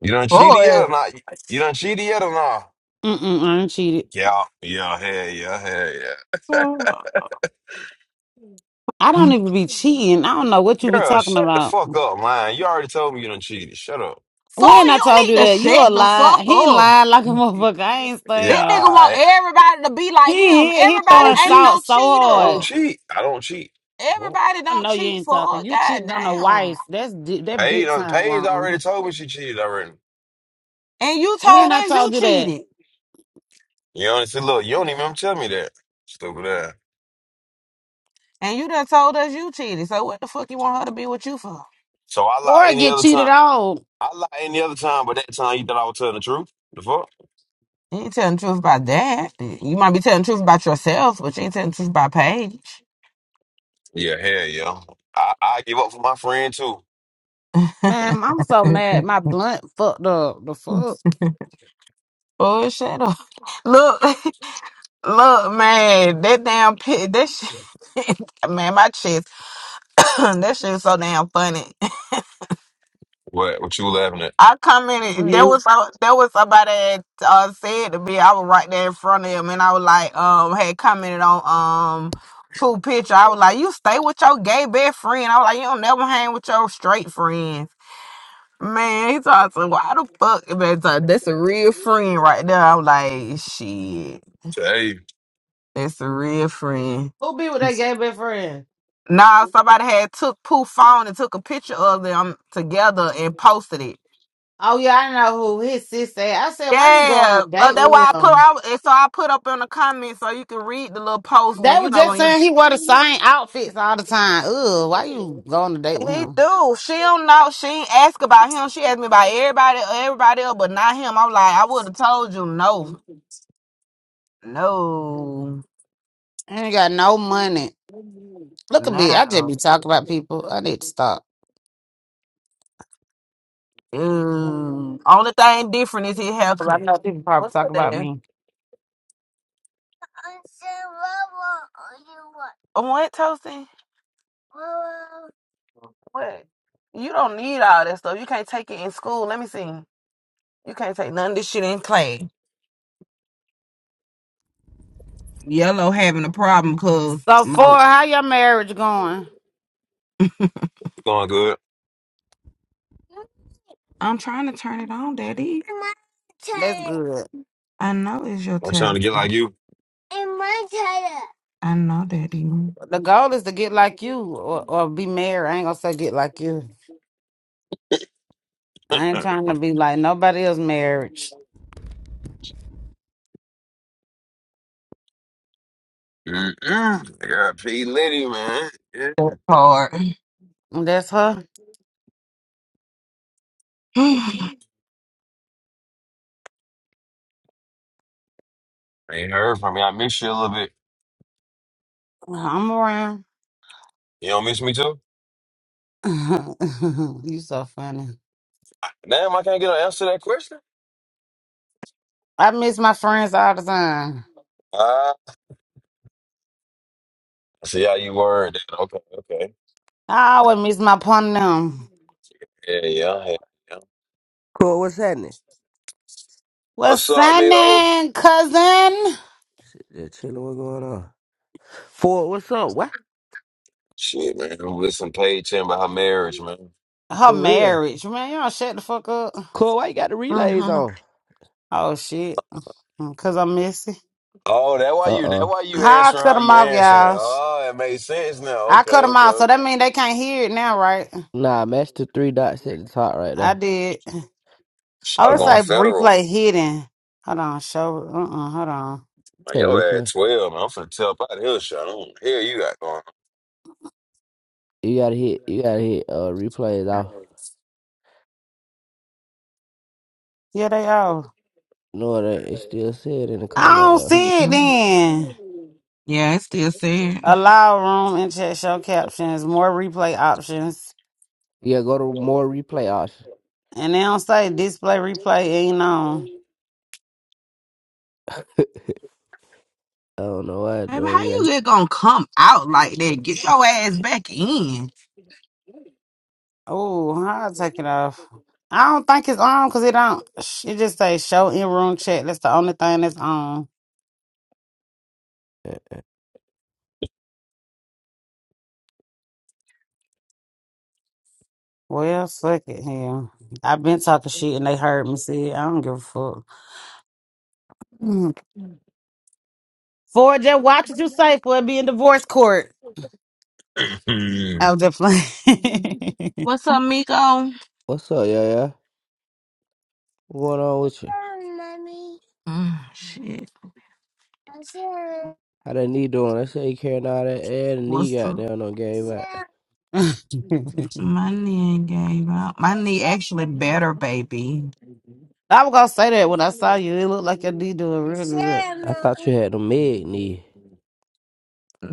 Speaker 4: you done cheated yet
Speaker 3: Boy.
Speaker 4: or not? You done cheated yet or not?
Speaker 2: Mm mm. I ain't cheated.
Speaker 4: Yeah, yeah, hell yeah, hell yeah.
Speaker 3: Four,
Speaker 2: I don't even be cheating. I don't know what you be
Speaker 4: Girl,
Speaker 2: talking
Speaker 4: shut the
Speaker 2: about.
Speaker 4: fuck up, man. You already told me you done cheated. Shut up.
Speaker 2: When I
Speaker 3: you
Speaker 2: told
Speaker 3: need
Speaker 2: you
Speaker 3: to
Speaker 2: that, you
Speaker 3: shut
Speaker 2: a
Speaker 3: the
Speaker 2: lie.
Speaker 3: fuck
Speaker 2: He
Speaker 3: up.
Speaker 2: lying like a (laughs) motherfucker. I ain't
Speaker 3: This
Speaker 4: Yeah,
Speaker 3: nigga
Speaker 2: saying.
Speaker 4: all
Speaker 3: want
Speaker 4: right.
Speaker 3: everybody to be
Speaker 2: He,
Speaker 3: like him.
Speaker 2: he he
Speaker 4: I
Speaker 3: Everybody
Speaker 4: don't
Speaker 2: throwing
Speaker 3: ain't
Speaker 4: cheat.
Speaker 3: no
Speaker 2: salt so
Speaker 4: I
Speaker 2: hard.
Speaker 4: don't
Speaker 3: cheater.
Speaker 4: cheat. I don't cheat. Well,
Speaker 3: Everybody
Speaker 2: I
Speaker 3: don't
Speaker 2: know you
Speaker 3: cheat
Speaker 2: ain't
Speaker 3: for
Speaker 2: talking. You
Speaker 3: goddamn.
Speaker 2: cheating on a wife. That's di- that
Speaker 4: Paige,
Speaker 2: big
Speaker 4: done-
Speaker 2: time
Speaker 4: Paige
Speaker 2: wrong.
Speaker 4: already told me she cheated already.
Speaker 3: And you told
Speaker 2: When I
Speaker 3: us you
Speaker 2: told you that,
Speaker 3: cheated.
Speaker 4: You know, see, look, you don't even tell me that. Stupid ass.
Speaker 3: And you done told us you cheated. So what the fuck you want her to be with you for?
Speaker 4: So I lie
Speaker 2: or
Speaker 4: any
Speaker 2: get
Speaker 4: other
Speaker 2: cheated
Speaker 4: time.
Speaker 2: on,
Speaker 4: I lie any other time, but that time you thought I was telling the truth. The fuck?
Speaker 3: You ain't telling the truth about that. You might be telling the truth about yourself, but you ain't telling the truth about Paige.
Speaker 4: Yeah, hell yeah. I, I give up for my friend too.
Speaker 2: man. I'm so
Speaker 3: (laughs)
Speaker 2: mad. My blunt fucked up. The fuck
Speaker 3: Bullshit. Look, (laughs) look, man, that damn pit, that shit, (laughs) man, my chest, (coughs) that shit is so damn funny.
Speaker 4: What what you laughing at?
Speaker 3: I commented, there
Speaker 2: you.
Speaker 3: was some- there was somebody that uh, said to me, I was right there in front of him, and I was like, um, had commented on um two picture. I was like, you stay with your gay best friend. I was like, you don't never hang with your straight friends. Man, he talking to why the fuck man talk, that's a real friend right there. I'm like, shit,
Speaker 4: Hey, you
Speaker 3: that's a real friend.
Speaker 2: Who be with that gay best friend?
Speaker 3: Nah, somebody had took Pooh phone and took a picture of them together and posted it.
Speaker 2: Oh yeah, I know who his sis said. I said, why you go on a
Speaker 3: Yeah, so
Speaker 2: date
Speaker 3: that's
Speaker 2: with
Speaker 3: why I put
Speaker 2: him?
Speaker 3: out. and So I put up in the comments so you can read the little post
Speaker 2: They
Speaker 3: when you
Speaker 2: was
Speaker 3: know
Speaker 2: just
Speaker 3: when you
Speaker 2: saying he wore the same outfits all the time. Ugh, why you go on a date with
Speaker 3: he
Speaker 2: him?
Speaker 3: do. She don't know. She ain't ask about him. She asked me about everybody, everybody else, but not him. I'm like, I would have told you no, no,
Speaker 2: I ain't got no money. Look at me. I
Speaker 3: no.
Speaker 2: just be talking about people. I need to stop.
Speaker 3: Mm, only thing different is it
Speaker 2: 'Cause I
Speaker 3: haircut.
Speaker 2: know people probably
Speaker 3: What's
Speaker 2: talk
Speaker 3: up,
Speaker 2: about
Speaker 3: Dad?
Speaker 2: me.
Speaker 3: What, Toasty? What? You don't need all that stuff. You can't take it in school. Let me see. You can't take none of this shit in class. Yellow having a problem because
Speaker 2: So, for
Speaker 3: my.
Speaker 2: how your marriage going?
Speaker 4: going good.
Speaker 3: I'm trying to turn it on, Daddy.
Speaker 2: That's good.
Speaker 3: I know it's your
Speaker 4: I'm trying to
Speaker 3: tablet.
Speaker 4: get like you.
Speaker 3: I know, Daddy.
Speaker 2: The goal is to get like you or, or be married. I ain't gonna say get like you. I
Speaker 4: (laughs)
Speaker 2: ain't trying to be like nobody else marriage.
Speaker 4: Mm-mm. I got P Liddy, man. Yeah.
Speaker 3: Hard. (laughs)
Speaker 2: That's her.
Speaker 3: (sighs)
Speaker 4: Ain't heard from me. I miss you a little bit.
Speaker 2: I'm around.
Speaker 4: You don't miss me too?
Speaker 2: (laughs) you so funny.
Speaker 4: Damn, I can't get an answer to that question.
Speaker 2: I miss my friends all the time.
Speaker 4: Ah, I see how you word that. Okay, okay.
Speaker 2: I always miss my pun them.
Speaker 4: Yeah, yeah, yeah. yeah.
Speaker 7: Cool, what's happening?
Speaker 4: What's
Speaker 2: What's
Speaker 4: up, amigo?
Speaker 2: happening, cousin?
Speaker 7: Shit, just chilling. What's going on? Ford, what's up? What?
Speaker 4: Shit, man. I'm listening to Paige telling about her marriage, man.
Speaker 2: Her
Speaker 7: For real?
Speaker 2: marriage, man. Y'all shut the fuck up.
Speaker 7: Cool, why you got the relays
Speaker 3: Mhm.
Speaker 7: on?
Speaker 2: Oh shit, cause I'm messy.
Speaker 4: Oh, that why
Speaker 7: Uh
Speaker 4: you that
Speaker 7: uh.
Speaker 4: why you
Speaker 2: How I
Speaker 4: answering
Speaker 2: cut
Speaker 4: how
Speaker 2: them
Speaker 4: you
Speaker 2: off,
Speaker 4: answering.
Speaker 2: y'all?
Speaker 4: Oh, it makes sense now.
Speaker 2: I
Speaker 4: Okay,
Speaker 2: cut them
Speaker 4: okay,
Speaker 2: off, so that
Speaker 4: okay.
Speaker 2: mean they can't hear it now, right?
Speaker 7: Nah, match the three dots at the top right
Speaker 2: I
Speaker 7: there.
Speaker 2: did.
Speaker 4: I
Speaker 2: Oh,
Speaker 4: was
Speaker 2: it's
Speaker 4: going
Speaker 7: Uh,
Speaker 2: like
Speaker 4: federal.
Speaker 2: replay hidden. Hold on, show. Uh, uh hold on.
Speaker 4: Man,
Speaker 7: that
Speaker 4: yo had
Speaker 7: replay.
Speaker 4: 12, man. I'm finna tell out of shot. I don't wanna hear you got going. on.
Speaker 7: You gotta hit. You gotta hit. Uh, replays off.
Speaker 2: Yeah, they are.
Speaker 7: No, it ain't. It still said in the
Speaker 2: I
Speaker 7: corner
Speaker 2: don't
Speaker 7: though.
Speaker 2: see it then.
Speaker 3: yeah, it's still sad.
Speaker 2: Allow room and chat show captions, more replay options.
Speaker 7: Yeah, go to more replay option.
Speaker 2: And they don't say display replay ain't on.
Speaker 7: I don't know why,
Speaker 3: Baby,
Speaker 7: John.
Speaker 3: how
Speaker 7: You gotta.
Speaker 3: you
Speaker 7: Hit.
Speaker 3: get gonna come out like that? Get your ass back in.
Speaker 2: Oh, I'll take it off. I don't think it's on because it don't. sh- It just say show in room chat. That's the only thing that's on. Well, fuck it here. I've been talking shit and they heard me say it. I don't give a fuck. Mm. Ford, just watch what you say for it be in divorce court. I
Speaker 4: (laughs)
Speaker 2: was just playing.
Speaker 3: What's up, Miko?
Speaker 7: What's up, yeah, yeah? What's going on with you?
Speaker 3: Mm, shit.
Speaker 7: How that knee doing? They say you carrying all that air. The
Speaker 3: What's
Speaker 7: knee got
Speaker 3: the
Speaker 7: down on game. I,
Speaker 2: (laughs)
Speaker 3: my knee ain't gave out. My knee actually better, baby.
Speaker 2: I was gonna say that when I saw you. It looked like your D doing real good.
Speaker 7: I thought you had the med knee.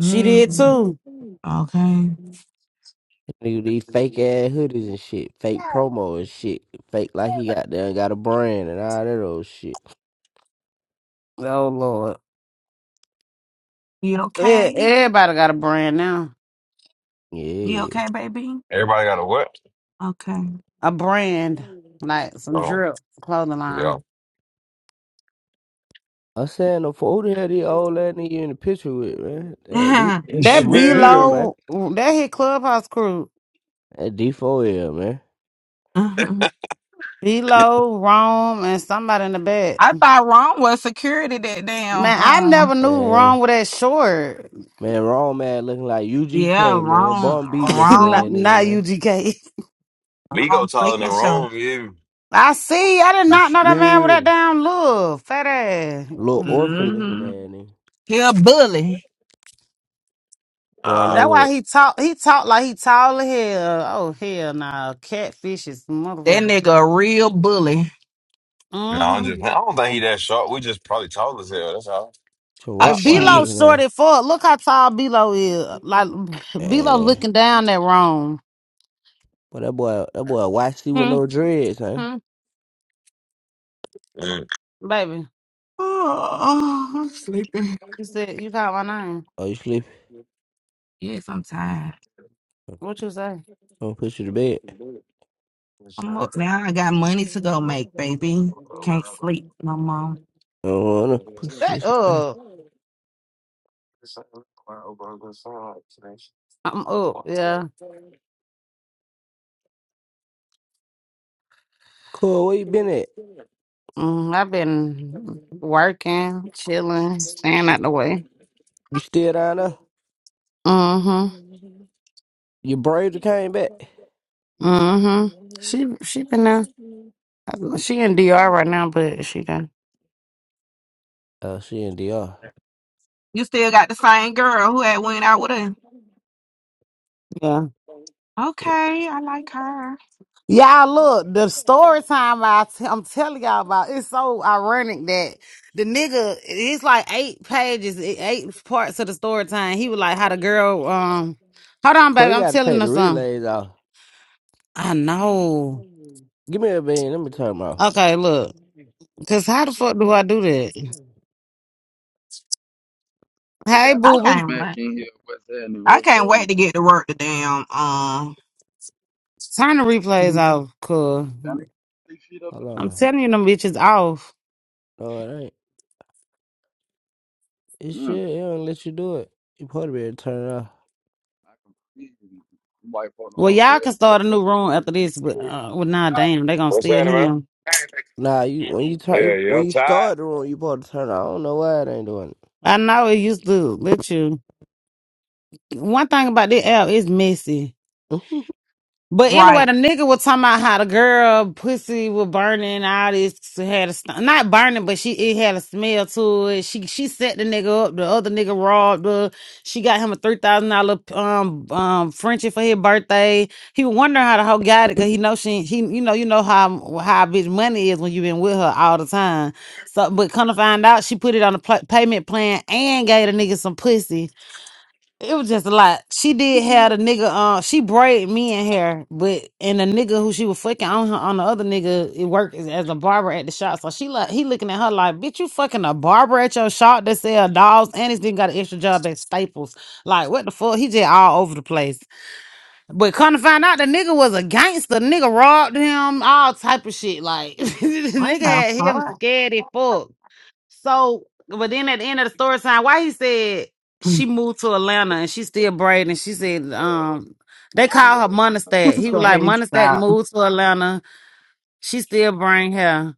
Speaker 2: She did too.
Speaker 3: okay.
Speaker 7: Nigga, these fake ass hoodies and shit, fake promo and shit, fake like he got there and got a brand and all that old shit.
Speaker 2: Oh Lord.
Speaker 3: You
Speaker 2: E-
Speaker 3: okay?
Speaker 2: Everybody got a brand now.
Speaker 3: You
Speaker 7: Yeah.
Speaker 3: okay, baby?
Speaker 4: Everybody got a what?
Speaker 3: Okay.
Speaker 2: A brand. Like some
Speaker 4: Oh,
Speaker 2: drip clothing
Speaker 4: yeah.
Speaker 2: line.
Speaker 7: I'm saying, the fool, who the hell these old ass nigga in the picture with, man? That, D-
Speaker 3: (laughs)
Speaker 7: that
Speaker 2: That
Speaker 7: Moot
Speaker 2: B
Speaker 7: beat him,
Speaker 4: Shmoo.
Speaker 7: man.
Speaker 2: Low that hit Clubhouse crew.
Speaker 7: That D4L, man.
Speaker 3: Mhm.
Speaker 2: B Low, Rome, and somebody in the back.
Speaker 3: I thought wrong was security that damn
Speaker 2: Man, I
Speaker 3: uh
Speaker 2: never knew
Speaker 7: And,
Speaker 2: Rome with that short.
Speaker 7: man, wrong man looking like
Speaker 3: yeah,
Speaker 7: UGK, man.
Speaker 3: wrong
Speaker 7: Bun B
Speaker 2: (laughs)
Speaker 7: looking
Speaker 2: not,
Speaker 7: ass
Speaker 3: wrong
Speaker 7: nigga,
Speaker 2: not
Speaker 7: man.
Speaker 2: UGK.
Speaker 4: We go
Speaker 3: wrong
Speaker 4: taller
Speaker 3: thinking
Speaker 4: than
Speaker 3: so.
Speaker 4: Rome, you.
Speaker 2: I see. I did
Speaker 7: You
Speaker 2: not know that man with
Speaker 7: smear
Speaker 2: that
Speaker 7: me.
Speaker 2: damn look. Fat ass.
Speaker 7: Little orphan looking
Speaker 3: Mm-hmm.
Speaker 7: ass nigga.
Speaker 3: He a bully.
Speaker 7: Born on
Speaker 4: Ah,
Speaker 2: That's
Speaker 7: with a
Speaker 2: why he talk he talk like he tall as hell. Oh hell nah. Catfish is
Speaker 3: That
Speaker 2: motherfucker.
Speaker 3: nigga a real bully.
Speaker 4: no, I'm
Speaker 2: Mm-hmm.
Speaker 4: just, I don't think he that short. We just probably tall as hell. That's all.
Speaker 7: to
Speaker 3: Oh
Speaker 2: If
Speaker 7: Rockwire
Speaker 2: Bilo
Speaker 3: shit.
Speaker 7: looking ass.
Speaker 2: sorted for it. look how tall Bilo is. Like Bilo
Speaker 7: And,
Speaker 2: looking down that room.
Speaker 7: but that boy, that boy YC with
Speaker 2: Hmm,
Speaker 7: no dreads, huh?
Speaker 2: hmm.
Speaker 4: Mm.
Speaker 2: Baby,
Speaker 3: Oh, oh I'm sleepy.
Speaker 2: you said you called my name.
Speaker 7: Oh, you sleep?
Speaker 3: Yes, I'm tired.
Speaker 2: What you say?
Speaker 7: I'm gonna put you to bed.
Speaker 3: I'm up now. I got money to go make, baby. Can't sleep no more.
Speaker 7: I don't wanna put you.
Speaker 2: Shut up. I'm up. Yeah.
Speaker 7: Cool, where you been at?
Speaker 2: Mm, I've been working, chilling, staying out the way.
Speaker 7: You still down there?
Speaker 2: Mm-hmm.
Speaker 7: Your braids came back.
Speaker 2: Mm-hmm. She she been there. She in DR right now, but she done.
Speaker 7: Oh, she in DR.
Speaker 3: You still got the same girl who had went out with her.
Speaker 2: yeah.
Speaker 7: Yeah.
Speaker 3: Okay, I like her.
Speaker 2: Y'all look, the story time I t- I'm telling y'all about, it's so ironic that the nigga, it's like eight pages, e- eight parts of the story time. He was like, how the girl, um, hold on,
Speaker 7: Cool,
Speaker 2: baby,
Speaker 7: you
Speaker 2: I'm
Speaker 7: gotta
Speaker 2: telling
Speaker 7: take
Speaker 2: her
Speaker 7: the
Speaker 2: something.
Speaker 7: relays off.
Speaker 2: I know.
Speaker 7: Give me a bean, let me turn 'em off.
Speaker 2: Okay, look, cause how the fuck do I do that?
Speaker 8: They
Speaker 2: Hey,
Speaker 8: got
Speaker 3: I
Speaker 2: boo boo,
Speaker 3: can't
Speaker 8: Mac
Speaker 3: wait.
Speaker 8: in here. What's happening?
Speaker 3: I
Speaker 8: What's
Speaker 3: can't wait
Speaker 8: happening?
Speaker 3: to get to work. The damn um
Speaker 2: turn the replays off, cuz
Speaker 8: Y'all niggas got this shit up
Speaker 7: Hold
Speaker 8: there?
Speaker 2: I'm
Speaker 7: on.
Speaker 2: telling you, them bitches off.
Speaker 7: No, it ain't. It
Speaker 8: Mm.
Speaker 7: shit, it don't let you do it. You probably better turn it off.
Speaker 8: I completely white folk don't
Speaker 2: Well,
Speaker 8: know there.
Speaker 2: y'all can
Speaker 8: What the
Speaker 2: start a
Speaker 8: fuck?
Speaker 2: new room after this, but, uh, well, nah, damn, they gonna
Speaker 4: What's
Speaker 2: steal
Speaker 4: happening, man?
Speaker 2: him.
Speaker 7: Nah, you when you
Speaker 4: Yeah,
Speaker 7: turn
Speaker 4: you
Speaker 7: when you
Speaker 4: uptight?
Speaker 7: start the room, you supposed to turn it off. I don't know why it ain't doing it.
Speaker 2: I know it used to let you. one thing about this app is messy.
Speaker 7: (laughs)
Speaker 2: But anyway,
Speaker 3: right.
Speaker 2: the nigga was talking about how the girl pussy was burning, all this had a st- not burning, but she it had a smell to it. She she set the nigga up. The other nigga robbed her. She got him a three thousand dollar um um Frenchie for his birthday. He was wondering how the hoe got it because he know she he you know you know how how bitch money is when you been with her all the time. So but come to find out, she put it on a pl- payment plan and gave the nigga some pussy. It was just a lot. She did have a nigga. Uh, she braided me in hair, but and the nigga who she was fucking on her on the other nigga, it worked as, as a barber at the shop. So she like he looking at her like, bitch, you fucking a barber at your shop that sell dolls, and he's then got an extra job at Staples. Like what the fuck? He just all over the place. But come to find out, the nigga was a gangster. Nigga robbed him, all type of shit. Like (laughs) the
Speaker 3: What
Speaker 2: nigga
Speaker 3: the
Speaker 2: had him
Speaker 3: fuck?
Speaker 2: scared as fuck. So, but then at the end of the story time, why he said
Speaker 3: Mm.
Speaker 2: she moved to Atlanta and she still braiding. She said, um, they call her
Speaker 8: uh,
Speaker 3: (laughs)
Speaker 2: Monistat. He was
Speaker 3: That
Speaker 2: like,
Speaker 3: is
Speaker 2: Monistat
Speaker 3: stop.
Speaker 2: moved to Atlanta. She still braiding hair.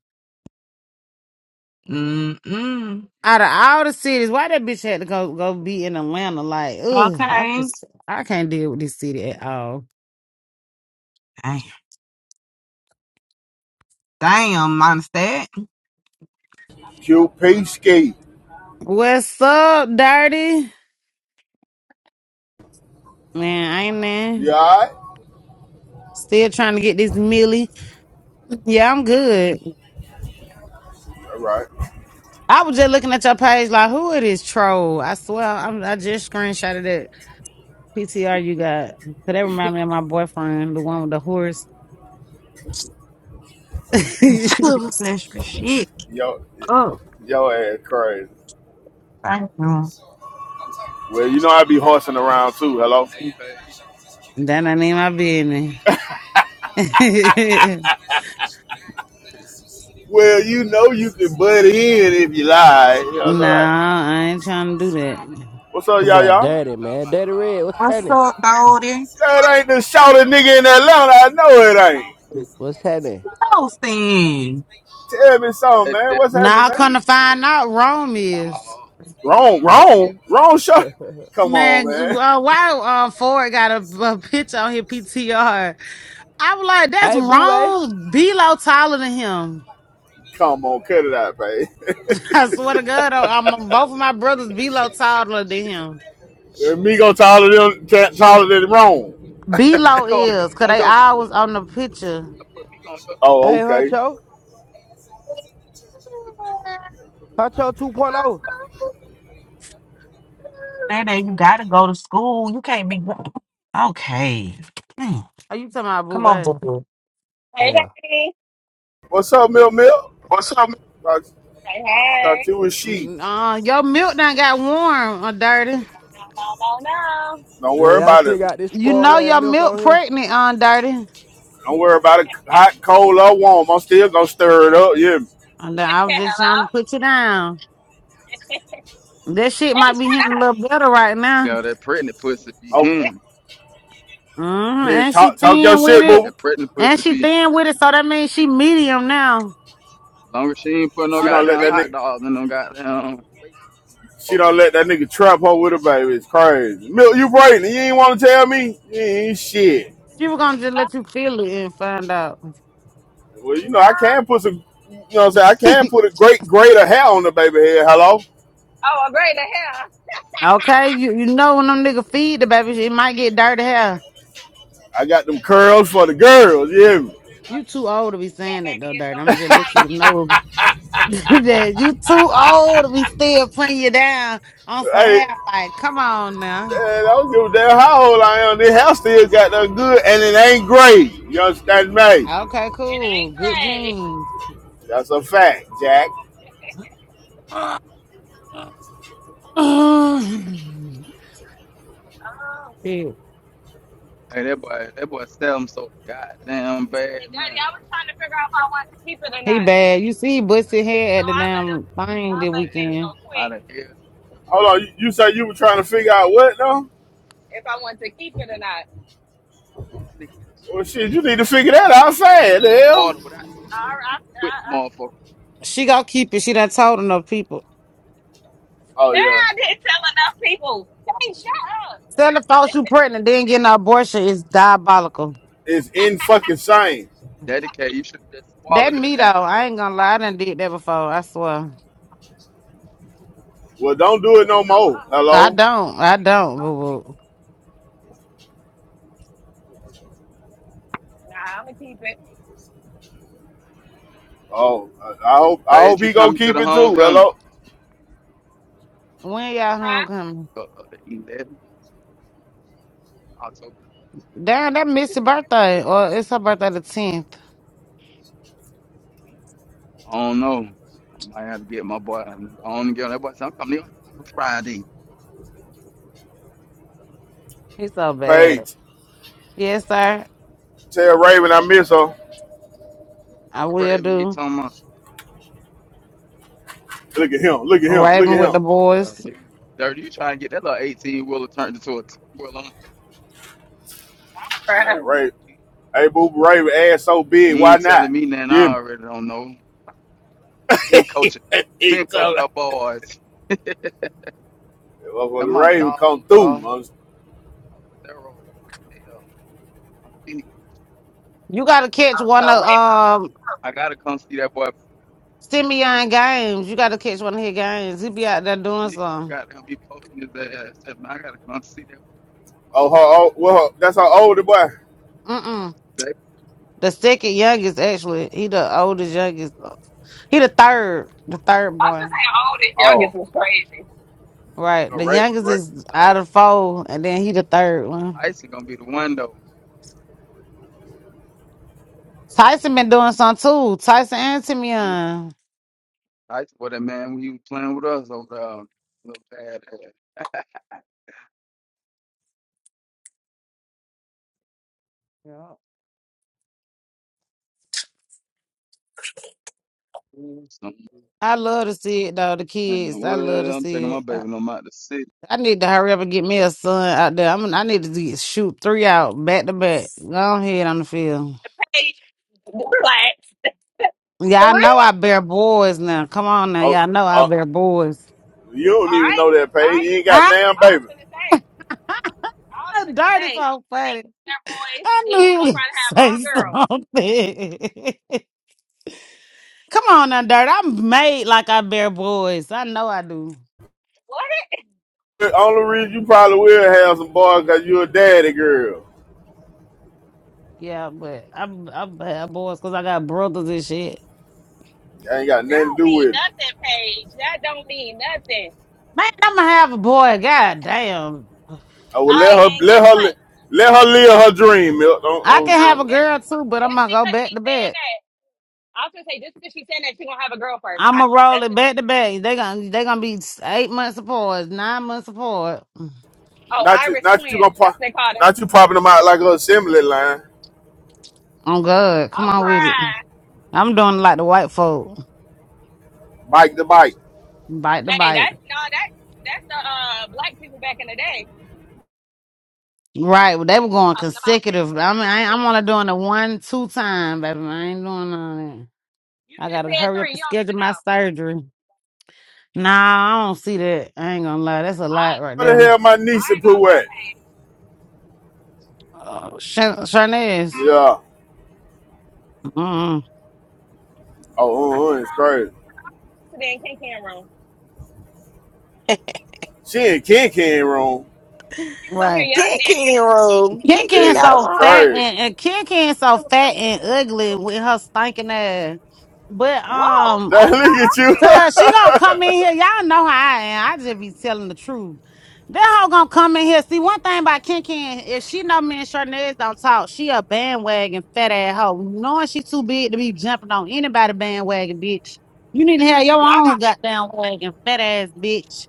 Speaker 3: Mm-mm.
Speaker 2: Out of all the cities, why that bitch had to go go be in Atlanta? Like, ugh, I
Speaker 3: Okay.
Speaker 2: just I can't deal with this city at all.
Speaker 3: Damn. Damn, minus that.
Speaker 9: Q Peesky.
Speaker 2: What's up, dirty? Man, I ain't there.
Speaker 9: You alright?
Speaker 2: Still trying to get this Millie. Yeah, I'm good.
Speaker 9: All right.
Speaker 2: I was just looking at your page, like, who it is troll? I swear, I'm, I just screenshotted that PTR you got. Could that remind me of my boyfriend, the one with the horse? (laughs) that
Speaker 3: (laughs) Bless your shit.
Speaker 9: Yo,
Speaker 3: Oh,
Speaker 9: yo ass crazy.
Speaker 3: thank you.
Speaker 9: Well, you know I be horsing
Speaker 8: They
Speaker 9: around too. Hello.
Speaker 8: they pay.
Speaker 2: I need my business.
Speaker 9: (laughs)
Speaker 2: (laughs)
Speaker 9: Well, you know you can butt in if you lie. You know what I'm
Speaker 2: nah, I ain't
Speaker 9: saying?
Speaker 2: trying to do that.
Speaker 9: What's up,
Speaker 7: That
Speaker 9: y'all,
Speaker 7: boy,
Speaker 9: y'all?
Speaker 7: dirty
Speaker 8: Talking
Speaker 7: man,
Speaker 8: about,
Speaker 7: dirty
Speaker 8: nah,
Speaker 7: red. What's
Speaker 8: I
Speaker 3: What's
Speaker 8: ain't
Speaker 7: happening?
Speaker 3: up,
Speaker 8: trying to be.
Speaker 3: Goldie?
Speaker 9: That ain't the shouter nigga in Atlanta. I know it ain't.
Speaker 7: What's happening?
Speaker 3: those
Speaker 8: like
Speaker 3: things.
Speaker 9: Tell me something,
Speaker 8: That
Speaker 9: man. What's
Speaker 8: definitely
Speaker 9: happening,
Speaker 2: Now I
Speaker 8: not
Speaker 2: come to
Speaker 9: man?
Speaker 8: the team.
Speaker 2: find out, Rome
Speaker 8: Nah,
Speaker 2: is.
Speaker 9: Wrong,
Speaker 7: (laughs)
Speaker 9: wrong, wrong shot.
Speaker 7: hey,
Speaker 9: Come on,
Speaker 2: Man,
Speaker 9: man.
Speaker 2: uh, why uh, Ford got a, a picture on his PTR? I was like, that's
Speaker 7: boo, hey,
Speaker 2: wrong. Lo taller than him.
Speaker 9: Come on, cut it out, babe.
Speaker 2: I swear to God, I- I'm both of my brothers Belo taller than
Speaker 8: shit.
Speaker 2: him.
Speaker 9: Yeah, Migo taller than ta- taller than
Speaker 8: Me
Speaker 9: Rome.
Speaker 2: Belo
Speaker 8: go on,
Speaker 2: is,
Speaker 8: it-
Speaker 2: cause
Speaker 8: on
Speaker 2: they
Speaker 8: your heel.
Speaker 2: always on the picture.
Speaker 8: I put me on your
Speaker 9: Oh,
Speaker 7: hey,
Speaker 9: okay.
Speaker 7: honcho. Hot Show 2.0. point oh.
Speaker 8: heel.
Speaker 3: That day you gotta go to school. You can't be okay. Mm.
Speaker 2: Are you talking about
Speaker 3: Come on, boo
Speaker 2: Boobay?
Speaker 3: boo.
Speaker 5: Hey
Speaker 7: Yeah.
Speaker 5: Daddy.
Speaker 9: What's up, Milk Milk? Thought,
Speaker 5: Hey hey.
Speaker 9: thought you was she.
Speaker 2: Uh, your milk done got warm, uh, dirty.
Speaker 5: No, no, no,
Speaker 9: Don't
Speaker 7: Yeah,
Speaker 9: worry
Speaker 7: y'all
Speaker 9: about
Speaker 7: still
Speaker 9: it.
Speaker 7: got this
Speaker 2: You
Speaker 7: spoiled
Speaker 2: know
Speaker 7: ass
Speaker 2: your
Speaker 7: milk
Speaker 2: milk
Speaker 7: on here.
Speaker 2: pregnant, on dirty.
Speaker 9: Don't worry about it. Hot, cold, or warm. I'm still gonna stir it up. Yeah.
Speaker 2: And
Speaker 5: no. (laughs)
Speaker 2: I was just
Speaker 5: Hello?
Speaker 2: trying to put you down. That shit
Speaker 5: Hey
Speaker 2: might be
Speaker 5: Sha-
Speaker 2: hitting a little better right now.
Speaker 8: Yeah, that pregnant pussy be
Speaker 9: Oh,
Speaker 8: him.
Speaker 2: hmm
Speaker 9: here,
Speaker 2: And she
Speaker 9: talk talk your
Speaker 2: thin with
Speaker 9: shit,
Speaker 2: it.
Speaker 9: boo.
Speaker 8: That pregnant
Speaker 2: And
Speaker 8: pussy
Speaker 2: she
Speaker 8: be.
Speaker 2: thin with it, so that means she medium now.
Speaker 8: Long as she ain't put no
Speaker 9: She
Speaker 5: Oh,
Speaker 9: don't
Speaker 5: this
Speaker 9: let
Speaker 8: goddamn
Speaker 5: thing
Speaker 9: that
Speaker 8: hot
Speaker 9: nigga.
Speaker 8: dogs and no goddamn.
Speaker 9: She don't let that nigga trap her with her baby. It's crazy. Milk, you right. You ain't want to tell me. You ain't shit.
Speaker 2: She was gonna just
Speaker 5: oh,
Speaker 2: let you feel it and find out.
Speaker 9: Well, you know
Speaker 5: no.
Speaker 9: I can put some. You know what I'm saying? I
Speaker 2: (laughs)
Speaker 9: can put a great, greater hair on the baby head. Hello.
Speaker 5: Oh well great the hell.
Speaker 2: Okay, you, you know when them nigga feed the baby, she might get dirty hair.
Speaker 9: I got them curls for the girls. Yeah,
Speaker 5: Oh
Speaker 2: You
Speaker 5: you
Speaker 2: too old to be
Speaker 5: that
Speaker 2: saying that though,
Speaker 5: baby is
Speaker 2: dirty.
Speaker 5: gonna
Speaker 2: I'm
Speaker 5: look
Speaker 2: just let you
Speaker 5: like
Speaker 2: to
Speaker 5: you.
Speaker 2: know (laughs) that you too old to be still putting you down on some
Speaker 9: hey,
Speaker 2: hair. Like, come on
Speaker 9: man,
Speaker 2: now.
Speaker 9: I don't give a damn how old I am. This hair still got that good, and it ain't gray. You understand me?
Speaker 2: Okay,
Speaker 5: It
Speaker 2: cool.
Speaker 5: ain't
Speaker 2: Good
Speaker 5: great.
Speaker 2: jeans.
Speaker 9: That's a fact, Jack.
Speaker 2: (sighs)
Speaker 5: Oh.
Speaker 2: Shit.
Speaker 8: Hey, that boy, that boy sell him so goddamn bad,
Speaker 5: And Daddy,
Speaker 8: man.
Speaker 5: I was trying to figure out if I wanted to keep it or
Speaker 2: He
Speaker 5: not.
Speaker 2: bad. You see, he
Speaker 8: man.
Speaker 2: busted
Speaker 5: But you
Speaker 2: hair
Speaker 5: know
Speaker 2: at the
Speaker 5: I let him
Speaker 2: damn
Speaker 5: I
Speaker 2: thing that
Speaker 5: let the
Speaker 8: Yeah,
Speaker 5: baby
Speaker 2: weekend.
Speaker 5: go
Speaker 8: out
Speaker 5: quick
Speaker 8: of here.
Speaker 9: Hold on, you, you said you were trying to figure out what though?
Speaker 5: if I wanted to keep it or not.
Speaker 8: Nigga,
Speaker 9: Well, shit, you need to figure that out fast, the
Speaker 8: You go
Speaker 9: hell.
Speaker 8: harder without it.
Speaker 5: All
Speaker 8: quit
Speaker 5: right,
Speaker 8: that motherfucker.
Speaker 2: She gonna keep it. She done told enough people.
Speaker 9: Oh
Speaker 5: Girl,
Speaker 9: yeah,
Speaker 5: I didn't tell enough people. Hey, shut up.
Speaker 2: Tell the folks
Speaker 5: (laughs)
Speaker 2: you pregnant, then getting an abortion is diabolical.
Speaker 9: it's in fucking science.
Speaker 8: Dedicate, you should just swallow
Speaker 2: That
Speaker 8: that
Speaker 2: me though,
Speaker 8: damn
Speaker 2: I
Speaker 8: thing.
Speaker 2: ain't gonna lie, I done did that before. I swear,
Speaker 9: Well, don't do it
Speaker 5: Hey,
Speaker 9: no
Speaker 5: I
Speaker 9: more.
Speaker 5: was
Speaker 2: I
Speaker 9: Hello.
Speaker 5: pregnant, but I
Speaker 2: don't,
Speaker 5: ain't
Speaker 2: I
Speaker 5: pregnant no
Speaker 2: don't.
Speaker 5: more.
Speaker 2: Boo boo.
Speaker 5: Nah, I'm gonna keep it.
Speaker 9: Oh, I I hope I hope
Speaker 8: Paige, you
Speaker 9: he gonna
Speaker 8: coming to
Speaker 9: keep
Speaker 8: the
Speaker 9: it too.
Speaker 8: homecoming?
Speaker 9: Hello,
Speaker 2: When y'all
Speaker 5: Huh?
Speaker 2: homecoming?
Speaker 8: Uh, the 11, October.
Speaker 2: Damn, that
Speaker 5: What you
Speaker 2: Missy
Speaker 5: say,
Speaker 2: birthday, or it's her birthday the tenth.
Speaker 8: I don't know. I might have to get my boy. I don't get that boy. So I'm coming here on Friday.
Speaker 2: It's so bad.
Speaker 9: Paige.
Speaker 2: Yes, sir,
Speaker 9: Tell Raven I miss her.
Speaker 2: I
Speaker 8: What
Speaker 2: will
Speaker 8: Raven he
Speaker 2: do.
Speaker 8: talking about?
Speaker 9: Look at him. Look at him. Look
Speaker 2: Riding
Speaker 9: at
Speaker 2: with the
Speaker 9: him.
Speaker 8: Yeah,
Speaker 2: boys.
Speaker 8: he- dirty. You trying to get that little 18 wheeler turned into a 10 wheeler?
Speaker 9: Man,
Speaker 5: Bruh.
Speaker 9: Raven. Hey, Boo Ray, ass so big,
Speaker 8: You
Speaker 9: why
Speaker 8: ain't telling
Speaker 9: not?
Speaker 8: me nothing.
Speaker 9: Yeah,
Speaker 8: I already don't know. Been coaching,
Speaker 9: He
Speaker 8: been coaching
Speaker 9: told her.
Speaker 8: her boys. And
Speaker 9: motherfucker
Speaker 8: my
Speaker 9: Ray would
Speaker 8: dog,
Speaker 9: come through.
Speaker 8: bro. Thero, hell, I think-
Speaker 2: You gotta catch
Speaker 5: (laughs) So
Speaker 2: one of
Speaker 5: wait a minute.
Speaker 2: um
Speaker 8: I gotta come see that boy. Yeah,
Speaker 2: Simeon games. You gotta catch one of his games. He be out there doing
Speaker 8: Please, you
Speaker 2: something.
Speaker 8: gotta help me poking his ass. And I gotta come see that
Speaker 9: Oh, her, oh, well, her, that's her older boy.
Speaker 2: Mm mm.
Speaker 8: boy.
Speaker 2: The second youngest, actually, he the oldest youngest. He the third, the third
Speaker 5: I was
Speaker 2: boy.
Speaker 5: just saying, all this youngest
Speaker 9: Oh,
Speaker 5: was crazy.
Speaker 2: Right.
Speaker 9: no,
Speaker 2: The
Speaker 9: Ray,
Speaker 2: youngest
Speaker 9: Ray.
Speaker 2: is
Speaker 8: Tyson
Speaker 2: out of four, and then he the third one.
Speaker 8: Tyson gonna be the one though.
Speaker 2: Tyson been doing some too. Tyson and
Speaker 8: Huh?
Speaker 2: Timian.
Speaker 8: Tyson was that man when he was playing with us over there. Little bad ass. (laughs)
Speaker 2: Yeah.
Speaker 8: So,
Speaker 2: I love to see it though. The
Speaker 8: man,
Speaker 2: kids, I love to
Speaker 8: well, I'm taking
Speaker 2: see
Speaker 8: my
Speaker 2: it. I,
Speaker 8: baby on out the city.
Speaker 2: I need to hurry up and get me a son out there. I'm. I need to get, shoot three out back to back. Go ahead on the field.
Speaker 5: Hey, relax.
Speaker 2: Yeah, I
Speaker 5: Three?
Speaker 2: know I bear boys now. Come on now,
Speaker 9: Oh,
Speaker 2: y'all know I
Speaker 9: oh,
Speaker 2: bear boys.
Speaker 9: you don't
Speaker 5: All
Speaker 9: even
Speaker 5: right.
Speaker 9: know that,
Speaker 5: All
Speaker 9: Paige.
Speaker 5: right,
Speaker 9: You
Speaker 5: you.
Speaker 9: ain't got
Speaker 2: (laughs)
Speaker 9: damn
Speaker 5: I was
Speaker 9: baby.
Speaker 5: gonna say, I was
Speaker 2: Ah,
Speaker 5: gonna say,
Speaker 2: dirty so
Speaker 5: think
Speaker 2: funny.
Speaker 5: they're boys, and
Speaker 2: I
Speaker 5: then
Speaker 2: knew
Speaker 5: you
Speaker 2: he
Speaker 5: fuck
Speaker 2: would (laughs)
Speaker 5: around and have all
Speaker 2: say
Speaker 5: girls.
Speaker 2: something. (laughs) Come on now, Dirt. I'm made like I bear boys. I know I do.
Speaker 5: What?
Speaker 9: The only reason you probably will have some boys because you a daddy girl.
Speaker 2: Yeah, but I'm I bear boys because I got brothers and shit.
Speaker 9: I ain't got
Speaker 5: That
Speaker 9: nothing to
Speaker 5: don't
Speaker 9: do
Speaker 5: mean
Speaker 9: with it.
Speaker 5: nothing, Paige. That don't mean nothing.
Speaker 2: Man, I'ma have a boy. God damn.
Speaker 9: I would
Speaker 5: All
Speaker 9: let
Speaker 5: right,
Speaker 9: her,
Speaker 5: and guess
Speaker 9: let her, li-
Speaker 5: what?
Speaker 9: let her live her dream. Milk.
Speaker 2: I
Speaker 9: Don't,
Speaker 2: can
Speaker 5: No,
Speaker 2: have a
Speaker 9: don't,
Speaker 5: just
Speaker 2: girl too, but I'm
Speaker 5: just
Speaker 2: gonna go
Speaker 5: because
Speaker 2: back to
Speaker 5: she's saying
Speaker 2: back.
Speaker 5: that. I was gonna say just because she's saying that she gonna have a girl first. I,
Speaker 2: I'ma roll
Speaker 5: that's
Speaker 2: it
Speaker 5: just
Speaker 2: back to back. They gonna they gonna be eight months apart, nine months apart.
Speaker 5: oh
Speaker 9: not you,
Speaker 5: Irish
Speaker 9: not you gonna
Speaker 5: twin. That's
Speaker 9: pop,
Speaker 5: what they call them.
Speaker 9: not you popping them out like a assembly line,
Speaker 2: Oh God, come
Speaker 5: I'm
Speaker 2: on with it.
Speaker 5: crying.
Speaker 2: I'm doing like the white folk,
Speaker 9: bike to bike.
Speaker 2: bite to
Speaker 5: Hey,
Speaker 2: bite.
Speaker 5: that's no that that's the uh black people back in the day.
Speaker 2: Right, well, they were
Speaker 5: They just
Speaker 2: going
Speaker 5: talking about
Speaker 2: consecutive.
Speaker 5: fifteen
Speaker 2: I mean, I, ain't- I'm
Speaker 5: kids.
Speaker 2: only doing the one, two time, baby. I ain't doing none of that.
Speaker 5: You
Speaker 2: I
Speaker 5: just
Speaker 2: gotta
Speaker 5: said
Speaker 2: hurry up
Speaker 5: three. You
Speaker 2: and
Speaker 5: don't
Speaker 2: schedule
Speaker 5: even
Speaker 2: my
Speaker 5: know.
Speaker 2: surgery. Nah, I don't see that. I ain't gonna lie, that's a
Speaker 5: I
Speaker 2: lot right
Speaker 9: Where the
Speaker 2: there.
Speaker 9: hell my
Speaker 5: I
Speaker 9: niece and
Speaker 5: ain't gonna
Speaker 9: Pooh
Speaker 5: lie.
Speaker 9: at?
Speaker 2: Oh, Sh- Sharnez.
Speaker 9: Yeah.
Speaker 2: Mm-mm.
Speaker 5: I
Speaker 9: Oh, uh,
Speaker 5: seen
Speaker 9: uh,
Speaker 5: her
Speaker 9: it's crazy.
Speaker 5: yesterday in King Ken room.
Speaker 9: She in Ken Ken room
Speaker 5: She was on here
Speaker 2: Right.
Speaker 5: yesterday.
Speaker 3: Kiki room.
Speaker 2: Ken
Speaker 3: Kiki
Speaker 2: Ken
Speaker 9: is
Speaker 3: got a
Speaker 2: so
Speaker 3: room.
Speaker 2: fat
Speaker 9: crazy. (laughs)
Speaker 2: and, and Ken Ken so fat and ugly with her stinking ass. But
Speaker 5: Whoa,
Speaker 2: um,
Speaker 5: wait,
Speaker 9: look
Speaker 5: what
Speaker 9: at you.
Speaker 5: happened?
Speaker 2: So she
Speaker 9: (laughs)
Speaker 2: gonna come in here. Y'all know how I am. I just be telling the truth. That hoe gonna come in here. See, one thing about Ken Ken, if she know me and Sharnez don't talk, she a bandwagon fat ass hoe. Knowing she too big to be jumping on anybody bandwagon, bitch. You need to have your
Speaker 5: Y'all
Speaker 2: own
Speaker 5: got?
Speaker 2: goddamn wagon, fat ass bitch.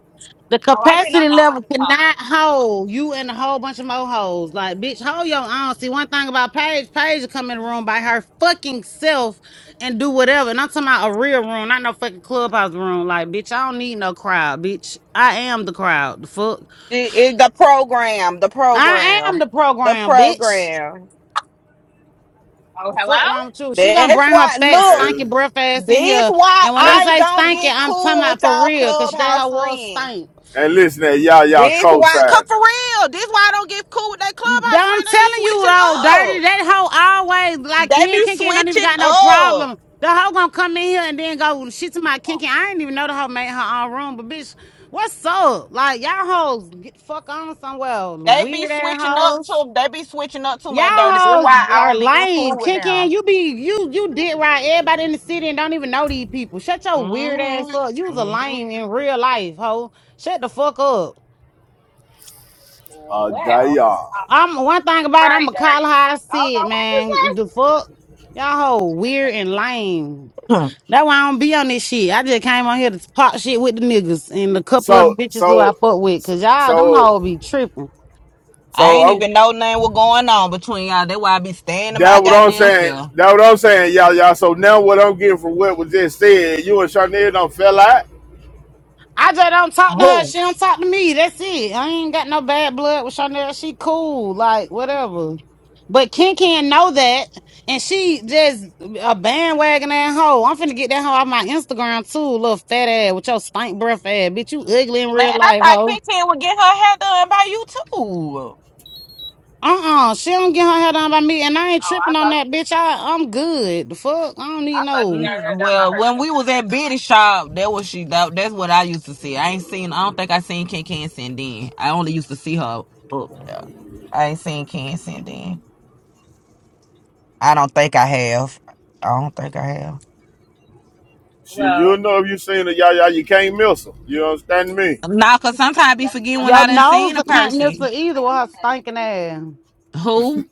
Speaker 2: The
Speaker 5: Oh, I didn't know
Speaker 2: capacity
Speaker 5: y'all
Speaker 2: level
Speaker 5: wasn't
Speaker 2: cannot
Speaker 5: talking.
Speaker 2: hold you and a whole bunch of more hoes. Like, bitch, hold your own. See, one thing about Paige, Paige will come in the room by her fucking self and do whatever. And I'm talking about a real room, not no fucking clubhouse room. Like, bitch, I don't need no crowd, bitch. I am the crowd. The fuck,
Speaker 3: It- it- the
Speaker 5: Hello.
Speaker 3: program. The
Speaker 2: I am
Speaker 3: program.
Speaker 2: the
Speaker 3: The
Speaker 2: program, bitch.
Speaker 3: program.
Speaker 5: Oh, hello.
Speaker 2: Fuck wrong with you. She gonna
Speaker 3: That's
Speaker 2: bring her
Speaker 3: why.
Speaker 2: fat,
Speaker 3: Look.
Speaker 2: stinky
Speaker 9: and,
Speaker 2: breath ass in
Speaker 3: This
Speaker 2: here.
Speaker 3: why
Speaker 2: And when
Speaker 9: and
Speaker 2: I
Speaker 3: I
Speaker 2: say
Speaker 3: don't
Speaker 2: stinky,
Speaker 3: get
Speaker 2: I'm talking
Speaker 3: cool
Speaker 2: about
Speaker 3: with
Speaker 2: for
Speaker 3: y'all
Speaker 2: real, cause that
Speaker 3: clubhouse
Speaker 2: her was
Speaker 3: friends.
Speaker 2: stink.
Speaker 9: and listen at y'all y'all
Speaker 3: This why. Cause
Speaker 9: co-sign.
Speaker 3: for real. This why I don't get cool with that clubhouse
Speaker 2: I'm
Speaker 3: friend. They be
Speaker 2: telling you
Speaker 3: switching
Speaker 2: though, dirty.
Speaker 3: up.
Speaker 2: That hoe always like
Speaker 3: They
Speaker 2: me and
Speaker 3: be
Speaker 2: Kinky don't even
Speaker 3: switching
Speaker 2: got no
Speaker 3: up.
Speaker 2: problem. The hoe gonna come in here and then go shit to my
Speaker 5: Oh,
Speaker 2: Kinky. I didn't even know the hoe made her own room, but bitch, what's up? Like y'all hoes get fuck on somewhere.
Speaker 3: They be
Speaker 2: Weird ass
Speaker 3: switching up
Speaker 2: hoes.
Speaker 3: too. They be switching up too
Speaker 2: Y'all
Speaker 3: much dirty. That's
Speaker 2: hoes
Speaker 3: why I
Speaker 2: are
Speaker 3: don't be getting cool
Speaker 2: lame.
Speaker 3: with
Speaker 2: Kinky,
Speaker 3: them.
Speaker 2: you be you you did right. Everybody in the city and don't even know these people. Shut your weird ass
Speaker 3: hmm
Speaker 2: up. You was a
Speaker 3: hmm
Speaker 2: lame in real life, hoe. Shut the fuck up.
Speaker 9: Uh,
Speaker 5: well,
Speaker 9: y'all.
Speaker 5: all
Speaker 2: I'm one thing about it, I'm
Speaker 5: right,
Speaker 2: gonna call
Speaker 5: dirty.
Speaker 2: her how I
Speaker 5: I don't
Speaker 2: see
Speaker 5: know
Speaker 2: it,
Speaker 5: what this
Speaker 2: man.
Speaker 5: is.
Speaker 2: The fuck, y'all hoe weird and lame.
Speaker 3: (clears throat)
Speaker 2: That's why I don't be on this shit. I just came on here to pop shit with the niggas and a couple of the
Speaker 9: So
Speaker 2: bitches who I
Speaker 9: so
Speaker 2: fuck with, cause y'all them
Speaker 9: so
Speaker 2: hoes be tripping.
Speaker 3: I
Speaker 9: so
Speaker 3: ain't
Speaker 9: I'm
Speaker 3: even know nothing was going on between y'all. That's why I be staying to my
Speaker 9: that what
Speaker 5: Me
Speaker 9: I'm
Speaker 5: neither.
Speaker 3: goddamn
Speaker 9: saying.
Speaker 3: self.
Speaker 9: That what I'm saying, y'all y'all. So now what I'm getting from what was just said, you and Charnel don't fell out.
Speaker 2: I just don't talk to her.
Speaker 3: Who?
Speaker 2: She don't talk to me. That's it. I ain't got no bad blood with Chanel. She cool, like whatever. But Ken can not know that, and she just a bandwagon that hoe. I'm finna get that hoe off my Instagram too, little fat ass with your stink breath ass, bitch. You ugly in
Speaker 3: Man,
Speaker 2: real
Speaker 3: I
Speaker 2: life,
Speaker 3: thought
Speaker 2: hoe.
Speaker 3: Quentin would get her hair done by you too.
Speaker 2: Uh uh she don't get her hair done by me, and I ain't
Speaker 5: Oh, I
Speaker 2: tripping on
Speaker 5: thought
Speaker 2: that
Speaker 5: you,
Speaker 2: bitch. I I'm good. The fuck, I don't need
Speaker 5: I thought you
Speaker 2: no.
Speaker 5: got her
Speaker 3: Mm,
Speaker 5: down by
Speaker 3: well,
Speaker 5: her
Speaker 3: when
Speaker 5: tip.
Speaker 3: we was at Biddy shop, that was she. That, that's what I used to see. I ain't seen. I don't think I seen Ken Ken since then. I only used to see her up there. I ain't seen Ken since then. I don't think I have. I don't think I have.
Speaker 9: Shit, you'll
Speaker 5: Well,
Speaker 9: know if you seen it, y'all, y'all, You can't miss them. You understand me?
Speaker 3: Nah, cause sometimes I be forgetting when I
Speaker 2: Your
Speaker 3: done seen
Speaker 2: nose
Speaker 3: a
Speaker 2: can't miss
Speaker 3: person.
Speaker 2: her either with her stinking ass.
Speaker 3: Who?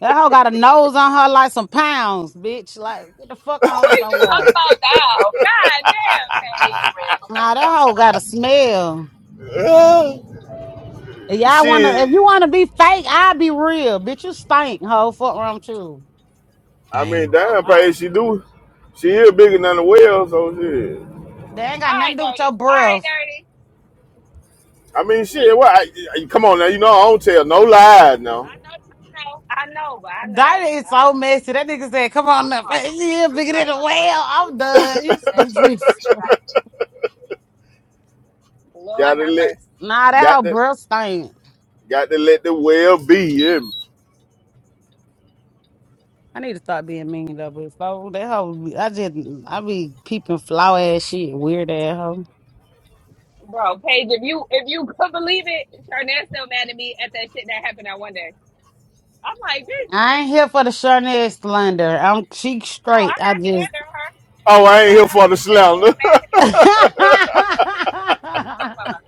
Speaker 2: That hoe got a nose on her like some pounds, bitch. Like get the fuck on
Speaker 5: always just talk
Speaker 2: somewhere.
Speaker 5: about now. God damn, Paige.
Speaker 2: Nah, that hoe got a smell.
Speaker 9: (laughs)
Speaker 2: If y'all wanna, if
Speaker 9: She.
Speaker 2: you wanna be fake, I'll be real, bitch. You stink, hoe. Fuck wrong with you.
Speaker 9: I mean,
Speaker 3: Dang.
Speaker 5: Oh
Speaker 9: damn,
Speaker 5: God.
Speaker 9: praise she do. She is bigger than the well, so shit.
Speaker 2: That ain't got
Speaker 5: All right,
Speaker 2: nothing to do with
Speaker 5: dirty.
Speaker 2: your
Speaker 5: All right,
Speaker 2: breath.
Speaker 5: dirty.
Speaker 9: I mean, shit.
Speaker 5: Jeez.
Speaker 9: What? I, I- come on now. You know I don't tell no lies now.
Speaker 5: I know. I know. I know. But I know.
Speaker 2: That is
Speaker 5: I
Speaker 2: so
Speaker 5: know.
Speaker 2: messy. That nigga said, "Come on, up, (laughs) yeah, bigger than a whale." I'm done. You stupid. (laughs)
Speaker 5: Lord
Speaker 9: Gotta
Speaker 5: have
Speaker 9: let,
Speaker 5: mercy.
Speaker 2: Nah, that hoe
Speaker 9: got to,
Speaker 2: breath stink.
Speaker 9: got to let the well be. yeah.
Speaker 2: I need to start being mean though, but so that hoe, I just I be peeping flaw ass shit, weird ass hoe.
Speaker 5: Bro, Paige, if you if you could believe it, Charnet's still mad at me at that shit that happened that one day. I'm like, bitch,
Speaker 2: I ain't here for the Charnay slander. I'm cheek
Speaker 5: no,
Speaker 2: straight.
Speaker 5: I'm
Speaker 2: I
Speaker 5: not
Speaker 2: just.
Speaker 5: slandering her. I'm
Speaker 9: Oh,
Speaker 5: not
Speaker 9: I ain't here
Speaker 5: slandering her.
Speaker 9: for the
Speaker 5: She said She's
Speaker 9: slander.
Speaker 5: still
Speaker 9: (laughs)
Speaker 5: mad at me. I'm gonna fuck her.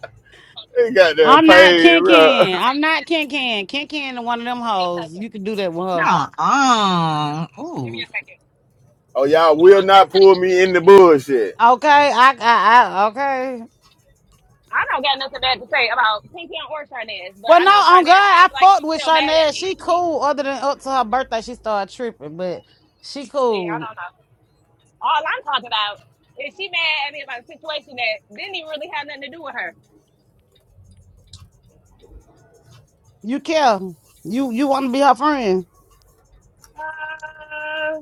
Speaker 9: ain't got
Speaker 2: (laughs)
Speaker 9: that
Speaker 2: I'm not
Speaker 9: paid,
Speaker 2: Ken
Speaker 9: bro. (laughs)
Speaker 2: Ken.
Speaker 5: Okay,
Speaker 2: I'm
Speaker 5: give me
Speaker 2: not
Speaker 5: a
Speaker 2: Ken Ken. Ken Ken is one of them
Speaker 5: give me a second.
Speaker 2: hoes. You can do that with her.
Speaker 3: No. Um.
Speaker 5: Give me
Speaker 3: Ooh.
Speaker 5: a second.
Speaker 9: Oh, y'all
Speaker 5: Oh,
Speaker 9: will
Speaker 5: oh,
Speaker 9: not
Speaker 5: just take
Speaker 9: pull
Speaker 5: it.
Speaker 9: me
Speaker 5: Just
Speaker 9: in
Speaker 5: take
Speaker 9: the
Speaker 5: it.
Speaker 9: bullshit.
Speaker 2: Okay. I, I, I okay.
Speaker 5: I don't got nothing bad to say about Pinky or Charnez, but
Speaker 2: Well,
Speaker 5: I
Speaker 2: no,
Speaker 5: know
Speaker 2: I'm good.
Speaker 5: Charnez
Speaker 2: I
Speaker 5: seems like
Speaker 2: fucked
Speaker 5: she's
Speaker 2: with
Speaker 5: still mad at
Speaker 2: Charnay.
Speaker 5: me.
Speaker 2: She cool. Other than up to her birthday, she started tripping, but she
Speaker 5: See, I
Speaker 2: cool.
Speaker 5: don't know. All I'm talking about is she mad at me about a situation that didn't even really have nothing to do with her.
Speaker 2: You care. You you want to be her friend?
Speaker 5: Uh,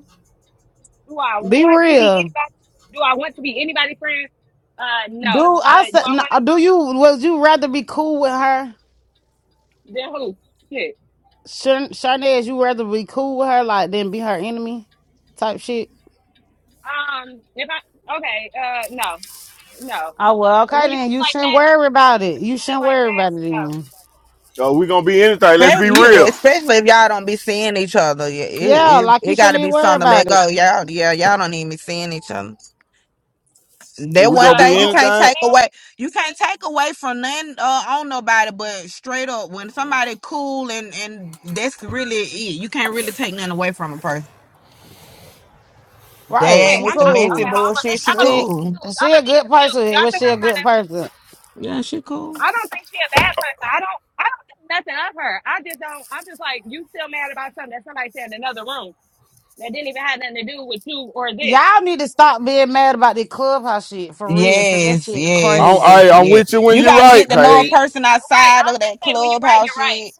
Speaker 5: do I
Speaker 2: Be
Speaker 5: want to be
Speaker 2: real.
Speaker 5: anybody? Do I want to be anybody friends? Uh, no.
Speaker 2: Do I
Speaker 5: But do
Speaker 2: said?
Speaker 5: I
Speaker 2: no,
Speaker 5: want to?
Speaker 2: Do you? Would you rather be cool with her?
Speaker 5: Then who? Shit.
Speaker 2: Shan- Sharnez, you rather be cool with her like than be her enemy type shit.
Speaker 5: Um, if I okay, uh, no, no.
Speaker 2: Oh well, okay
Speaker 5: When you
Speaker 2: then.
Speaker 5: put it
Speaker 2: You
Speaker 5: like
Speaker 2: shouldn't
Speaker 5: that,
Speaker 2: worry about it. You
Speaker 5: put it
Speaker 2: shouldn't
Speaker 5: like
Speaker 2: worry
Speaker 5: that.
Speaker 2: about it
Speaker 5: No.
Speaker 2: then.
Speaker 9: So we gonna be anything. Let's be
Speaker 3: Especially, yeah,
Speaker 9: real.
Speaker 3: especially if y'all don't be seeing each other. Yeah, It,
Speaker 2: Yeah,
Speaker 3: it,
Speaker 2: like
Speaker 3: it
Speaker 2: you
Speaker 3: got
Speaker 2: shouldn't
Speaker 3: to be
Speaker 2: even worry
Speaker 3: something to let
Speaker 2: about it.
Speaker 3: go. Y'all, yeah, y'all don't even be seeing each other.
Speaker 9: If
Speaker 3: That
Speaker 9: we
Speaker 3: one
Speaker 9: gonna
Speaker 5: Uh,
Speaker 9: be
Speaker 5: who?
Speaker 3: thing you
Speaker 9: anything,
Speaker 5: Me
Speaker 3: can't
Speaker 5: and
Speaker 3: take
Speaker 5: Cornell?
Speaker 3: away. You can't take away from nothing uh, on nobody, but straight up, when somebody cool and and that's really it. You can't really take nothing away from a person. They
Speaker 2: Right?
Speaker 5: Wait,
Speaker 3: ain't
Speaker 2: She
Speaker 3: with
Speaker 5: I'm
Speaker 3: the
Speaker 5: I,
Speaker 3: messy
Speaker 5: okay.
Speaker 2: cool.
Speaker 5: Hold on. I'm a
Speaker 3: bullshit.
Speaker 5: bit,
Speaker 3: She
Speaker 5: I'm a bit
Speaker 2: She,
Speaker 3: cool.
Speaker 5: confused. I'm
Speaker 2: she
Speaker 5: a
Speaker 2: a
Speaker 5: bit
Speaker 2: good
Speaker 5: confused.
Speaker 2: person.
Speaker 5: Y'all
Speaker 2: Was
Speaker 5: think
Speaker 2: she a
Speaker 5: I'm trying
Speaker 2: good
Speaker 5: to?
Speaker 2: person?
Speaker 3: Yeah, she cool.
Speaker 5: I don't think she a bad person. I don't. I don't think nothing of her. I just don't. I'm just like you. Still mad about something that somebody said in another room that didn't even have nothing to do with you or this.
Speaker 2: Y'all need to stop being mad about the clubhouse shit for real, cause that
Speaker 3: Yes,
Speaker 2: shit
Speaker 9: I'm,
Speaker 2: crazy.
Speaker 9: I,
Speaker 3: yes,
Speaker 9: i am
Speaker 3: yeah.
Speaker 9: with you when
Speaker 3: You
Speaker 9: you're
Speaker 3: got to get
Speaker 9: right,
Speaker 3: to know a
Speaker 9: Paige.
Speaker 5: Agree.
Speaker 3: person
Speaker 5: Uh, right. I
Speaker 3: outside of
Speaker 5: was
Speaker 3: that
Speaker 5: gonna say when you're right,
Speaker 3: clubhouse
Speaker 5: you're right.
Speaker 3: shit.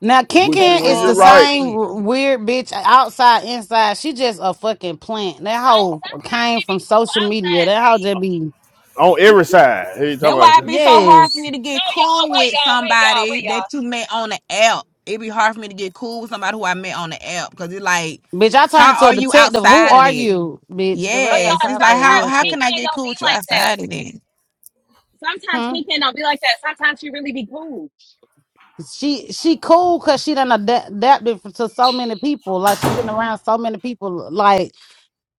Speaker 2: Now
Speaker 5: When
Speaker 9: But
Speaker 3: That
Speaker 9: you,
Speaker 5: you're
Speaker 2: Kinkin
Speaker 9: when
Speaker 5: right,
Speaker 2: is
Speaker 9: you're
Speaker 2: the
Speaker 5: you're right.
Speaker 3: clubhouse
Speaker 9: right
Speaker 2: same
Speaker 3: shit.
Speaker 2: w- weird bitch outside, inside. She just a fucking plant. That
Speaker 5: No,
Speaker 2: hoe
Speaker 5: sometimes
Speaker 2: came
Speaker 5: she be
Speaker 2: from
Speaker 5: cool
Speaker 2: social media.
Speaker 5: outside,
Speaker 2: That hoe
Speaker 5: Paige.
Speaker 2: just be
Speaker 9: on every side, he
Speaker 3: That's why
Speaker 9: talking
Speaker 3: it
Speaker 9: about.
Speaker 3: be
Speaker 5: No,
Speaker 3: so
Speaker 5: no,
Speaker 3: hard for
Speaker 2: Yes.
Speaker 3: me to
Speaker 5: no,
Speaker 3: get
Speaker 5: y'all
Speaker 3: cool
Speaker 5: wait,
Speaker 3: with
Speaker 5: y'all wait, y'all
Speaker 3: somebody
Speaker 5: wait, y'all.
Speaker 3: that you met on the app. It be hard for me to get cool with somebody who I met on the app because it's like,
Speaker 2: Bitch, I turned
Speaker 3: how
Speaker 2: into a
Speaker 3: are you
Speaker 2: detective. Who
Speaker 3: outside of
Speaker 2: are
Speaker 3: it?
Speaker 2: you, bitch? Cause I
Speaker 5: But
Speaker 2: ain't got
Speaker 3: Yes,
Speaker 5: y'all,
Speaker 3: it's
Speaker 2: time for
Speaker 3: like
Speaker 2: that
Speaker 3: how
Speaker 5: sometimes
Speaker 2: weird
Speaker 3: how
Speaker 2: shit.
Speaker 5: Pink
Speaker 3: can I
Speaker 5: Pen
Speaker 3: get
Speaker 5: don't
Speaker 3: cool
Speaker 5: be
Speaker 3: with you
Speaker 5: like that.
Speaker 3: outside of it?
Speaker 5: Sometimes
Speaker 2: Hmm?
Speaker 5: Kim don't be like that. Sometimes she really be cool.
Speaker 2: She she cool cause she done ada- adapted f- to so many people. Like she been around so many people. Like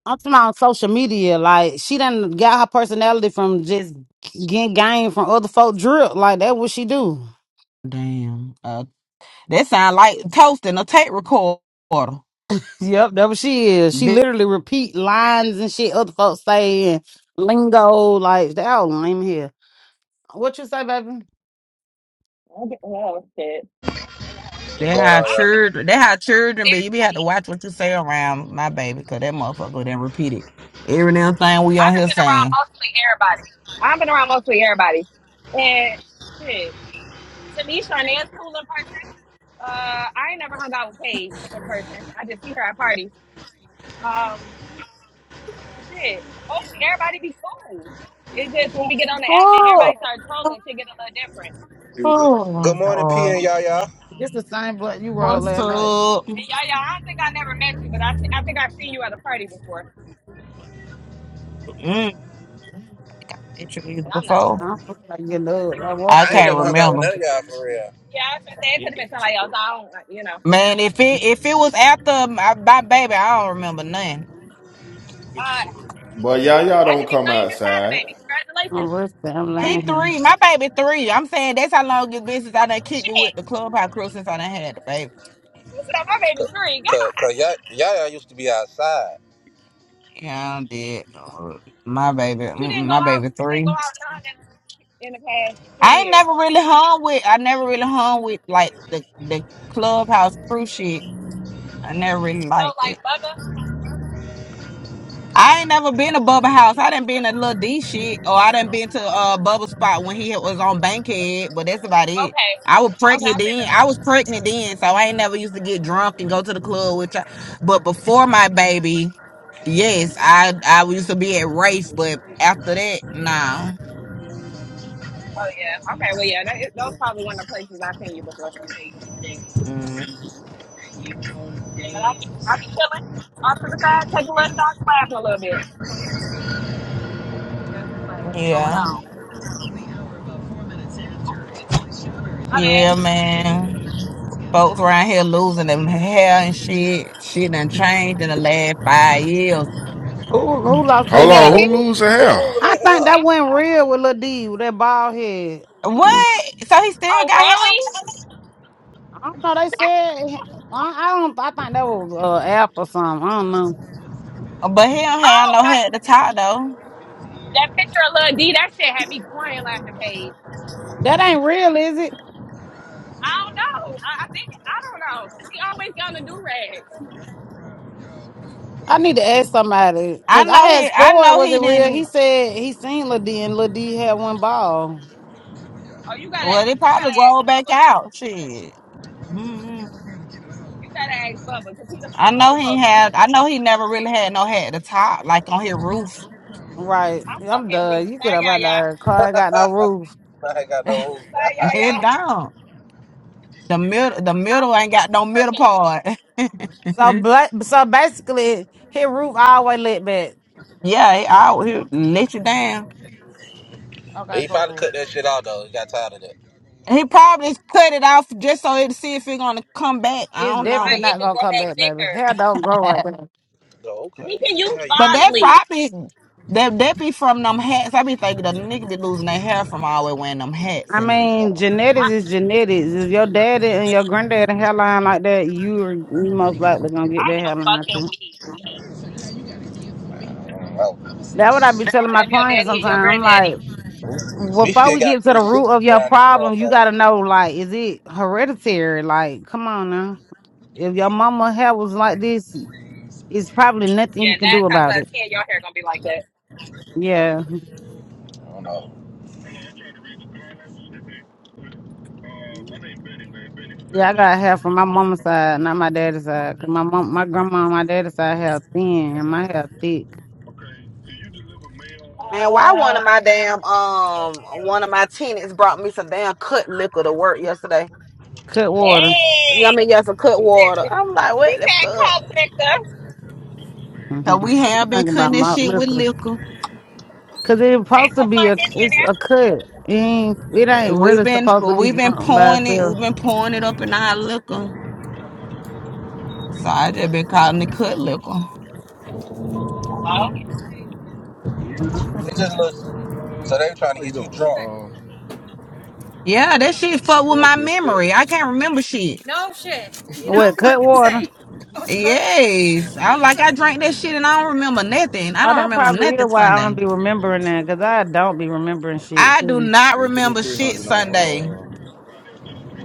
Speaker 2: I'm talking about on social media. Like she done got her personality from just getting game from other folk drip. Like that what she do. (laughs)
Speaker 3: Damn. Uh, That sound like toasting a tape recorder.
Speaker 2: Yep, that what she is. She
Speaker 3: Bi-
Speaker 2: literally repeat lines and shit other folks say and lingo. Like they all lame here. What you say, baby?
Speaker 5: I get, oh, shit.
Speaker 3: They
Speaker 10: What's going
Speaker 3: had
Speaker 10: on,
Speaker 5: I've been
Speaker 10: y'all?
Speaker 3: children. They had
Speaker 5: with
Speaker 3: children, but you be had
Speaker 5: everybody.
Speaker 3: to watch what you say around my baby, cause that motherfucker then repeat it. Every damn thing we on
Speaker 5: I've
Speaker 3: here
Speaker 5: been around
Speaker 3: saying.
Speaker 5: mostly everybody. I've been around mostly everybody. And shit, to me, Sharnae's cool in person. Uh, I ain't never hung out with Paige in person. I just see her at parties. Um, shit, mostly everybody be cool. It just when we get on the app and everybody
Speaker 3: Oh,
Speaker 5: start trolling, shit get a little different.
Speaker 10: Good
Speaker 3: oh,
Speaker 10: morning, P and
Speaker 3: Lord.
Speaker 10: Yaya.
Speaker 2: It's the same blood you rolled
Speaker 3: what's
Speaker 2: last night.
Speaker 3: up?
Speaker 5: And yeah, yeah, I don't think I never met you, but I, thi- I think I've seen you at a party before.
Speaker 3: Mm, I met you either
Speaker 5: But I'm not
Speaker 3: before.
Speaker 2: I
Speaker 5: sure.
Speaker 2: don't feel like getting
Speaker 5: It
Speaker 2: up. I
Speaker 5: could have been
Speaker 3: I
Speaker 2: walked
Speaker 10: I
Speaker 2: through,
Speaker 10: ain't
Speaker 5: somebody
Speaker 3: can't
Speaker 2: but
Speaker 10: never
Speaker 5: else.
Speaker 2: I
Speaker 10: hung out with
Speaker 2: feel
Speaker 3: remember.
Speaker 10: none of
Speaker 2: like
Speaker 10: y'all for real.
Speaker 5: Yeah, I was gonna say it could have been somebody else. I don't, like, you know.
Speaker 3: Man, if it if it was after my, my baby, I don't remember nothing.
Speaker 5: Uh,
Speaker 9: But y'all, y'all
Speaker 5: I
Speaker 9: don't
Speaker 5: didn't even
Speaker 9: come
Speaker 5: know you just had a
Speaker 9: outside.
Speaker 5: baby.
Speaker 2: I'm
Speaker 5: Congratulations.
Speaker 2: resting. I'm
Speaker 5: I
Speaker 3: He
Speaker 2: laying
Speaker 5: ain't
Speaker 2: here.
Speaker 3: three, my baby three. I'm saying that's how long it's been since I done
Speaker 5: well,
Speaker 3: kicked it with
Speaker 5: shit.
Speaker 3: the clubhouse crew since I done had the baby.
Speaker 5: She said my baby
Speaker 10: Cause,
Speaker 5: three.
Speaker 10: cause,
Speaker 5: God,
Speaker 10: cause y'all, y'all used to be outside.
Speaker 3: Yeah, I did. My baby, mm,
Speaker 5: but you
Speaker 3: mm,
Speaker 5: didn't go
Speaker 3: my
Speaker 5: out.
Speaker 3: baby
Speaker 5: You didn't
Speaker 3: three.
Speaker 5: go out none in, in the past three
Speaker 3: I ain't
Speaker 5: years.
Speaker 3: never really hung with. I never really hung with like the the clubhouse crew shit. I never really
Speaker 5: No,
Speaker 3: liked it.
Speaker 5: like mother.
Speaker 3: I ain't never been to Bubba House. I done been to Lil D shit, or I done been to uh Bubba Spot when he was on Bankhead, but that's about it.
Speaker 5: Okay,
Speaker 3: I was
Speaker 5: okay.
Speaker 3: pregnant
Speaker 5: I've been to
Speaker 3: then.
Speaker 5: the
Speaker 3: I
Speaker 5: one.
Speaker 3: was
Speaker 5: of them.
Speaker 3: pregnant then, so I ain't never used to get drunk and go to the club with y'all. But before my baby, yes, I I used to be at race, but after that, nah.
Speaker 5: Oh yeah. Okay. Well, yeah. That is, that was probably one of the places I've seen you before.
Speaker 3: Mm,
Speaker 5: But I be I be chilling off to the side, taking a little shots, laughing a little bit. That's what's going
Speaker 3: yeah,
Speaker 5: on. Oh, my bad.
Speaker 3: yeah, man. Folks around here losing them hair and shit. Shit done changed in the last five years.
Speaker 2: Who who lost their
Speaker 10: Who,
Speaker 9: Hold
Speaker 5: (laughs)
Speaker 9: on,
Speaker 10: who,
Speaker 2: hair?
Speaker 9: who losing
Speaker 10: who
Speaker 9: hell?
Speaker 10: losing
Speaker 2: I
Speaker 10: their
Speaker 2: think
Speaker 10: hell?
Speaker 2: that went
Speaker 5: God.
Speaker 2: real with Lil D with that bald head. (clears throat) I
Speaker 3: What? So he still
Speaker 5: Oh
Speaker 3: got hair?
Speaker 5: really?
Speaker 2: don't know. They said I, I don't. I think that was uh, app or something. I don't know.
Speaker 3: But he don't have
Speaker 5: Oh,
Speaker 3: no
Speaker 5: that
Speaker 3: head to talk though.
Speaker 5: that picture of Lil D, that shit had me crying laughing, Paige.
Speaker 2: That ain't real, is it?
Speaker 5: I don't know. I, I think I don't know. 'Cause he always got the do rags.
Speaker 2: I need to ask somebody
Speaker 3: I
Speaker 2: because
Speaker 3: know
Speaker 2: I
Speaker 3: he.
Speaker 2: asked
Speaker 3: I
Speaker 2: Ford,
Speaker 3: know
Speaker 2: was
Speaker 3: he
Speaker 2: it real? He
Speaker 3: didn't.
Speaker 2: said he seen Lil D and Lil D had one ball.
Speaker 5: Oh, you gotta
Speaker 3: Well, they
Speaker 5: you
Speaker 3: probably
Speaker 5: gotta ask
Speaker 3: rolled back
Speaker 5: Bubba.
Speaker 3: out. Shit. hmm
Speaker 5: You gotta ask Bubba because he the
Speaker 3: I
Speaker 5: first one
Speaker 3: know
Speaker 5: who
Speaker 3: he ain't
Speaker 5: posted it.
Speaker 3: had. I know he never really had no head to top, like on his roof
Speaker 2: Right.
Speaker 5: I'm
Speaker 2: I'm
Speaker 5: fucking weak.
Speaker 2: done. You get
Speaker 5: Bye,
Speaker 2: up
Speaker 5: yeah,
Speaker 2: out
Speaker 5: yeah.
Speaker 2: there. Car ain't got no roof.
Speaker 10: I ain't got no rules.
Speaker 5: Bye,
Speaker 3: (laughs) and
Speaker 5: yeah,
Speaker 3: don't.
Speaker 5: yeah.
Speaker 3: The middle. The
Speaker 5: I-
Speaker 3: middle ain't got no
Speaker 5: He took
Speaker 3: middle
Speaker 5: it.
Speaker 3: part. (laughs)
Speaker 2: So bla- so basically, his roof always lit back.
Speaker 3: yeah, he out. He let you down.
Speaker 2: Okay,
Speaker 10: He probably
Speaker 2: cool.
Speaker 10: cut that shit out though. He got tired of that.
Speaker 3: He probably cut it off just so it to see if it' gonna come back. I
Speaker 2: It's
Speaker 3: don't
Speaker 2: definitely
Speaker 3: know.
Speaker 5: Ryan, it
Speaker 2: not
Speaker 5: can
Speaker 2: gonna
Speaker 5: grow
Speaker 2: come
Speaker 5: back
Speaker 2: back, baby.
Speaker 5: thicker.
Speaker 2: Hair don't grow
Speaker 3: (laughs)
Speaker 2: right now.
Speaker 10: Go
Speaker 5: He
Speaker 10: okay.
Speaker 5: can use
Speaker 10: How you
Speaker 3: But
Speaker 10: feeling?
Speaker 3: that's
Speaker 5: Bosley.
Speaker 3: I be that that be from them hats. I be thinking the nigga be losing their hair from always wearing them hats
Speaker 2: I
Speaker 3: in them.
Speaker 2: mean,
Speaker 5: I,
Speaker 2: genetics is genetics. If your daddy and your granddad and hairline like that, you are you most likely gonna get
Speaker 5: I
Speaker 2: that
Speaker 5: am
Speaker 2: hairline
Speaker 5: fucking
Speaker 2: too.
Speaker 5: weak.
Speaker 10: Oh,
Speaker 2: That what I be
Speaker 5: He
Speaker 2: telling
Speaker 5: said
Speaker 2: my
Speaker 5: if your
Speaker 2: clients
Speaker 5: daddy and your
Speaker 2: sometimes. I'm like,
Speaker 5: granddaddy.
Speaker 10: we
Speaker 2: before
Speaker 10: still
Speaker 2: we
Speaker 10: got
Speaker 2: get to the root of
Speaker 10: 360
Speaker 2: your
Speaker 10: around this
Speaker 2: problem, you gotta
Speaker 10: motherfucker.
Speaker 2: know like, is it hereditary? Like, come on now. If your mama hair was like this, it's probably nothing you
Speaker 5: Yeah,
Speaker 2: can
Speaker 5: nine
Speaker 2: do
Speaker 5: times
Speaker 2: about
Speaker 5: out
Speaker 2: it.
Speaker 5: of ten, your hair gonna be like that.
Speaker 2: Yeah,
Speaker 10: I don't know.
Speaker 2: yeah. I got hair from my mama's side, not my daddy's side. 'Cause my mom, my grandma, and my daddy's side hair thin, and my hair thick,
Speaker 3: Man, why
Speaker 5: Uh,
Speaker 3: one of my damn um one of my tenants brought me some damn cut liquor to work yesterday.
Speaker 2: cut water.
Speaker 3: I
Speaker 5: Hey,
Speaker 3: mean, yeah, some cut
Speaker 5: she said,
Speaker 3: water. I'm like,
Speaker 5: she
Speaker 3: what the
Speaker 5: said,
Speaker 3: fuck?
Speaker 5: come, Victor.
Speaker 3: So
Speaker 2: Mm-hmm.
Speaker 3: we
Speaker 2: She's
Speaker 3: have been
Speaker 2: talking
Speaker 3: cutting
Speaker 2: about
Speaker 3: this
Speaker 2: malt
Speaker 3: shit with
Speaker 2: liquor.
Speaker 3: liquor.
Speaker 2: Cause it's
Speaker 5: They
Speaker 2: supposed to
Speaker 5: put
Speaker 2: be a
Speaker 5: Martini in
Speaker 2: it's
Speaker 5: there.
Speaker 2: a cut. It ain't it
Speaker 3: Uh,
Speaker 2: ain't
Speaker 3: We've
Speaker 2: really
Speaker 3: been
Speaker 2: supposed to be
Speaker 3: we've been
Speaker 2: drunk by
Speaker 3: pouring it. We've
Speaker 2: itself.
Speaker 3: been pouring it up in our liquor. So I just been calling it cut liquor.
Speaker 5: Hello?
Speaker 2: Okay.
Speaker 10: It just looks. So they were trying to
Speaker 9: How you
Speaker 10: get you
Speaker 9: doing?
Speaker 10: drunk.
Speaker 9: Um,
Speaker 3: Yeah, that shit fuck with
Speaker 9: look
Speaker 3: my
Speaker 9: like you are
Speaker 3: memory.
Speaker 9: expecting.
Speaker 3: I can't remember shit.
Speaker 2: What cut water?
Speaker 3: Yes. I like I drank that shit and I don't remember nothing. I
Speaker 2: Oh,
Speaker 3: don't
Speaker 2: that
Speaker 3: remember
Speaker 2: probably is
Speaker 3: nothing
Speaker 2: why I don't
Speaker 3: Sunday.
Speaker 2: be remembering that. Cause I don't be remembering shit
Speaker 3: I do
Speaker 2: too.
Speaker 3: not
Speaker 9: Yeah, give me
Speaker 3: remember
Speaker 9: three
Speaker 3: shit
Speaker 9: hundred
Speaker 3: Sunday.
Speaker 9: on uh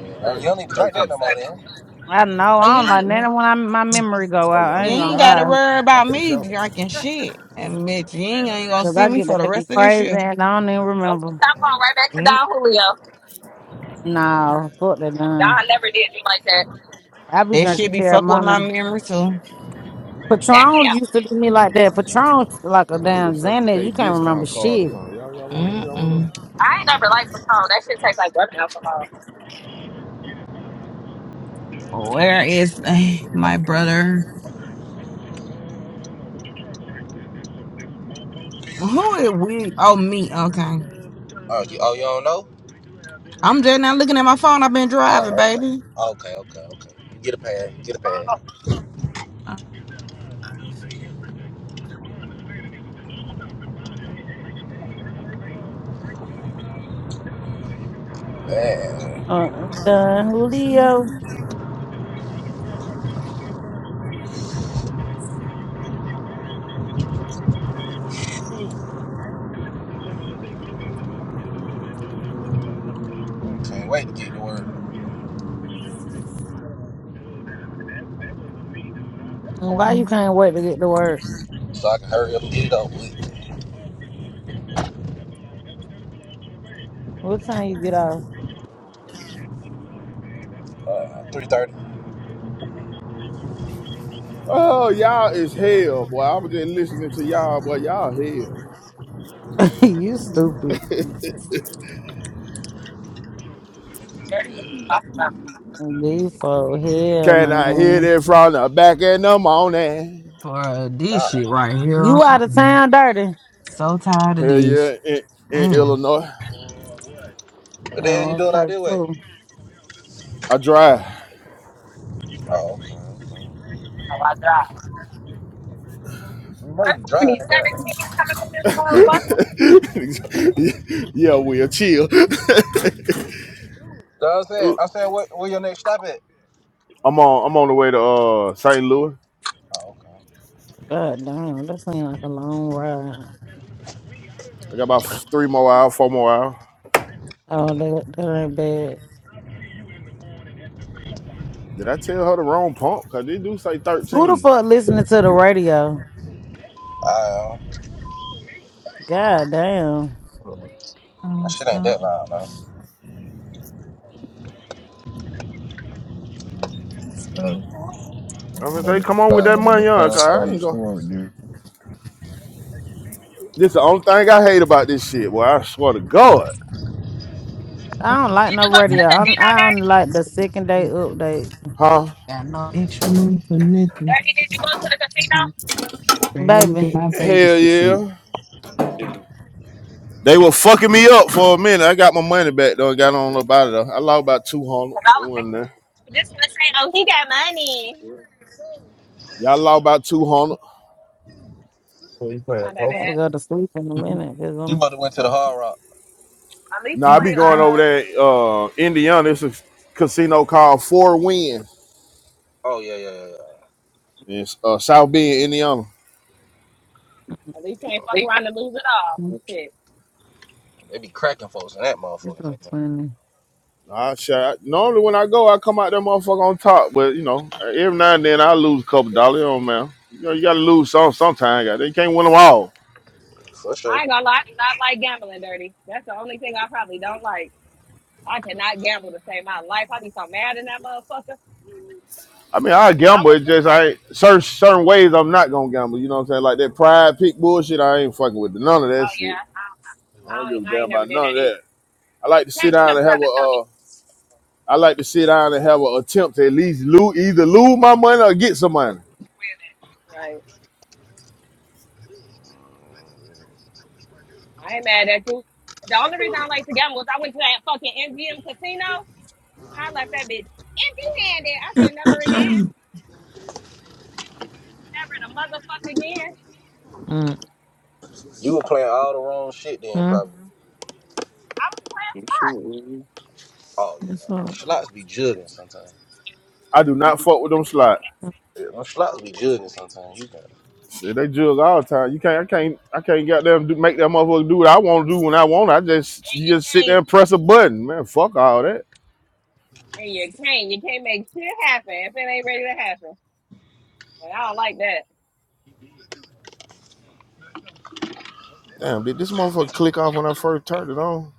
Speaker 10: Uh, you
Speaker 9: thir-
Speaker 10: don't even drink
Speaker 5: Oh,
Speaker 10: that
Speaker 9: thirteen.
Speaker 10: no more,
Speaker 5: Sunday.
Speaker 10: then.
Speaker 2: I know
Speaker 3: You
Speaker 2: I don't
Speaker 3: ain't,
Speaker 2: like
Speaker 3: you
Speaker 2: that when I, my memory go
Speaker 9: Oh
Speaker 2: out.
Speaker 9: yeah, I'm
Speaker 2: I
Speaker 9: gonna
Speaker 2: ain't
Speaker 9: get
Speaker 2: gonna
Speaker 3: ain't
Speaker 9: out of
Speaker 3: gotta
Speaker 2: lie.
Speaker 9: there.
Speaker 3: worry about
Speaker 9: That's for
Speaker 3: me
Speaker 9: sure.
Speaker 3: drinking shit. And bitch, you ain't, ain't gonna
Speaker 2: Cause
Speaker 3: see
Speaker 2: I
Speaker 3: me
Speaker 2: get to
Speaker 3: for the
Speaker 2: acting
Speaker 3: rest of this
Speaker 2: crazy
Speaker 3: year.
Speaker 2: and I don't even
Speaker 5: Oh, so
Speaker 2: remember.
Speaker 5: I'm going right back to
Speaker 3: Mm.
Speaker 5: Don Julio.
Speaker 2: No, fuck that
Speaker 5: Don
Speaker 2: done.
Speaker 5: never did me like that.
Speaker 2: I be
Speaker 3: That shit
Speaker 2: drinking
Speaker 3: be fuck with my
Speaker 2: Terramana.
Speaker 3: memory too.
Speaker 2: Patron
Speaker 5: Damn.
Speaker 2: used to do me like that. Patron's like a
Speaker 9: I need a
Speaker 2: damn
Speaker 9: Circle
Speaker 2: Xanax.
Speaker 9: K
Speaker 2: You can't remember
Speaker 9: discount card
Speaker 2: shit.
Speaker 9: or something. Y'all got one? Y'all want one?
Speaker 3: Mm-mm.
Speaker 5: I ain't never liked Patron. That shit tastes like rubbing alcohol.
Speaker 3: Where is eh, my brother? Who is we? Oh, me. Okay.
Speaker 10: Oh, you, oh, you don't know?
Speaker 3: I'm just now looking at my phone. I've been driving,
Speaker 10: Oh, okay.
Speaker 3: baby.
Speaker 10: Okay, okay, okay. Get a pad. Get a pad.
Speaker 5: Oh,
Speaker 10: Man,
Speaker 2: Uh, done. Julio,
Speaker 10: can't wait to get to work
Speaker 2: why you can't wait to get to work?
Speaker 10: so I can hurry up and get it over with.
Speaker 2: What time you get off?
Speaker 10: Uh, Three thirty.
Speaker 9: Oh, y'all is hell, boy. I was just listening to y'all, boy. Y'all hell.
Speaker 2: (laughs) you stupid.
Speaker 5: dirty. Talk about
Speaker 2: These for hell,
Speaker 9: Can I hear
Speaker 2: man.
Speaker 9: that from the back in the morning?
Speaker 3: For this
Speaker 10: Nah.
Speaker 3: shit right here.
Speaker 2: You out of
Speaker 3: I'm
Speaker 2: town, dirty.
Speaker 3: so tired of
Speaker 9: Hell
Speaker 3: this.
Speaker 9: yeah, in, in
Speaker 3: Mm.
Speaker 9: Illinois.
Speaker 10: What the hell you
Speaker 2: Oh,
Speaker 10: doing out
Speaker 2: okay,
Speaker 10: this way?
Speaker 2: too.
Speaker 9: I drive.
Speaker 10: Oh, okay.
Speaker 5: how I drive.
Speaker 10: You know
Speaker 5: Where's
Speaker 10: you
Speaker 5: so many
Speaker 10: drive. goddamn.
Speaker 5: 17s coming from this
Speaker 9: (laughs)
Speaker 5: motherfucker?
Speaker 9: yeah, Will, chill. (laughs)
Speaker 10: So I said, I said, what, where your next stop at?
Speaker 9: I'm on. I'm on the way to uh St. Louis.
Speaker 10: Oh, okay.
Speaker 2: God damn, that seems like a long ride.
Speaker 9: I got about three more hours, four more hours.
Speaker 2: Oh, that, that ain't bad.
Speaker 9: Did I tell her the wrong pump? Cause they do say
Speaker 2: Who the
Speaker 9: 13.
Speaker 2: fuck listening to the radio?
Speaker 10: I um,
Speaker 2: God damn.
Speaker 3: What was it? Oh,
Speaker 10: that
Speaker 3: it's
Speaker 10: shit ain't
Speaker 3: not.
Speaker 10: that loud, man.
Speaker 5: Did you
Speaker 3: Uh,
Speaker 5: go to
Speaker 9: I'm gonna
Speaker 3: on
Speaker 9: say,
Speaker 3: the
Speaker 9: come on with that
Speaker 3: side and
Speaker 9: money,
Speaker 3: I'm
Speaker 9: on, cause I
Speaker 3: on the
Speaker 9: ain't gonna.
Speaker 3: floor again.
Speaker 9: This the only thing I hate about this shit. Well, I swear to God,
Speaker 2: I don't like no
Speaker 5: the
Speaker 2: radio. I don't,
Speaker 5: casino,
Speaker 2: I don't
Speaker 5: Dirty?
Speaker 2: like the second day update.
Speaker 9: huh?
Speaker 3: Got no extra money for nothing.
Speaker 5: Dirty, did you go to the casino?
Speaker 3: let me
Speaker 2: Baby,
Speaker 3: get my babies
Speaker 9: Hell
Speaker 3: to sleep.
Speaker 9: yeah. They were fucking me up for a minute. I got my money back though. I got on about it though. I lost about 200.
Speaker 5: Because I
Speaker 9: It
Speaker 5: was
Speaker 9: wasn't there.
Speaker 5: just gonna say, oh, he got money.
Speaker 9: Y'all lost about 200.
Speaker 3: What you
Speaker 5: That's
Speaker 3: playing
Speaker 5: not that
Speaker 2: I
Speaker 3: poker?
Speaker 2: gotta
Speaker 5: bad.
Speaker 2: go to sleep in a minute
Speaker 10: You
Speaker 2: because
Speaker 10: mother went to the Hard Rock.
Speaker 5: At least
Speaker 9: Now
Speaker 5: you
Speaker 9: I be
Speaker 5: ain't.
Speaker 9: going
Speaker 5: uh.
Speaker 2: I'm.
Speaker 9: over there, uh, Indiana. It's a casino called Four Winds.
Speaker 10: Oh yeah, yeah, yeah. yeah.
Speaker 9: It's uh, South Bend, Indiana.
Speaker 5: At least you ain't fuck around and lose it all. Shit.
Speaker 10: They be cracking folks in that
Speaker 2: It's
Speaker 10: motherfucking thing.
Speaker 2: so funny.
Speaker 9: I shot. Normally when I go, I come out that motherfucker on top. But you know, every now and then I lose a couple dollars. Oh man, you know you gotta lose some sometime. God, They can't win them all.
Speaker 10: For sure.
Speaker 5: I ain't gonna lie, I do not like gambling dirty. That's the only thing I probably don't like. I cannot gamble to save my life. I'd be so mad in that motherfucker.
Speaker 9: I mean, I
Speaker 5: I
Speaker 9: gamble.
Speaker 5: wish
Speaker 9: It's
Speaker 5: oh
Speaker 9: just I ain't- certain certain ways I'm not gonna gamble. You know what I'm saying? Like that pride pick bullshit. I ain't fucking with none of that
Speaker 5: yeah,
Speaker 9: shit.
Speaker 5: I,
Speaker 9: I don't
Speaker 5: I,
Speaker 9: give
Speaker 5: ain't,
Speaker 9: a
Speaker 5: I
Speaker 9: damn
Speaker 5: ain't never
Speaker 9: about
Speaker 5: did
Speaker 9: none of
Speaker 5: that either.
Speaker 9: that. I like to sit
Speaker 5: Tax
Speaker 9: down
Speaker 5: kept
Speaker 9: and have
Speaker 5: trying
Speaker 9: a
Speaker 5: to tell me
Speaker 9: uh,
Speaker 5: to
Speaker 9: I like to sit down and have an attempt to at least lose, either lose my money or get some money.
Speaker 5: win it. Right. I ain't mad at you. The only reason I like to gamble is I went to that fucking MGM casino and I left that bitch empty handed. I said never
Speaker 2: (coughs)
Speaker 5: again. Never the motherfucker again.
Speaker 10: You were playing all the wrong shit then,
Speaker 2: Mm-mm.
Speaker 10: probably.
Speaker 5: I was playing slots.
Speaker 10: Oh
Speaker 2: It's
Speaker 10: yeah, them
Speaker 2: so-
Speaker 10: schlots be jugging sometimes.
Speaker 9: I do not fuck with them slots.
Speaker 10: Yeah, them schlots be jugging sometimes. You got
Speaker 9: Shit, They jug all the time. You can't, I can't, I can't get them do, make that motherfucker do what I want to do when I want. I just, you just sit
Speaker 5: Um,
Speaker 9: there and press a button, man. Fuck all that.
Speaker 5: And you can't. You can't make shit happen if it ain't ready to happen. And I don't like that.
Speaker 9: Damn, did this motherfucker click off when I first turned it on?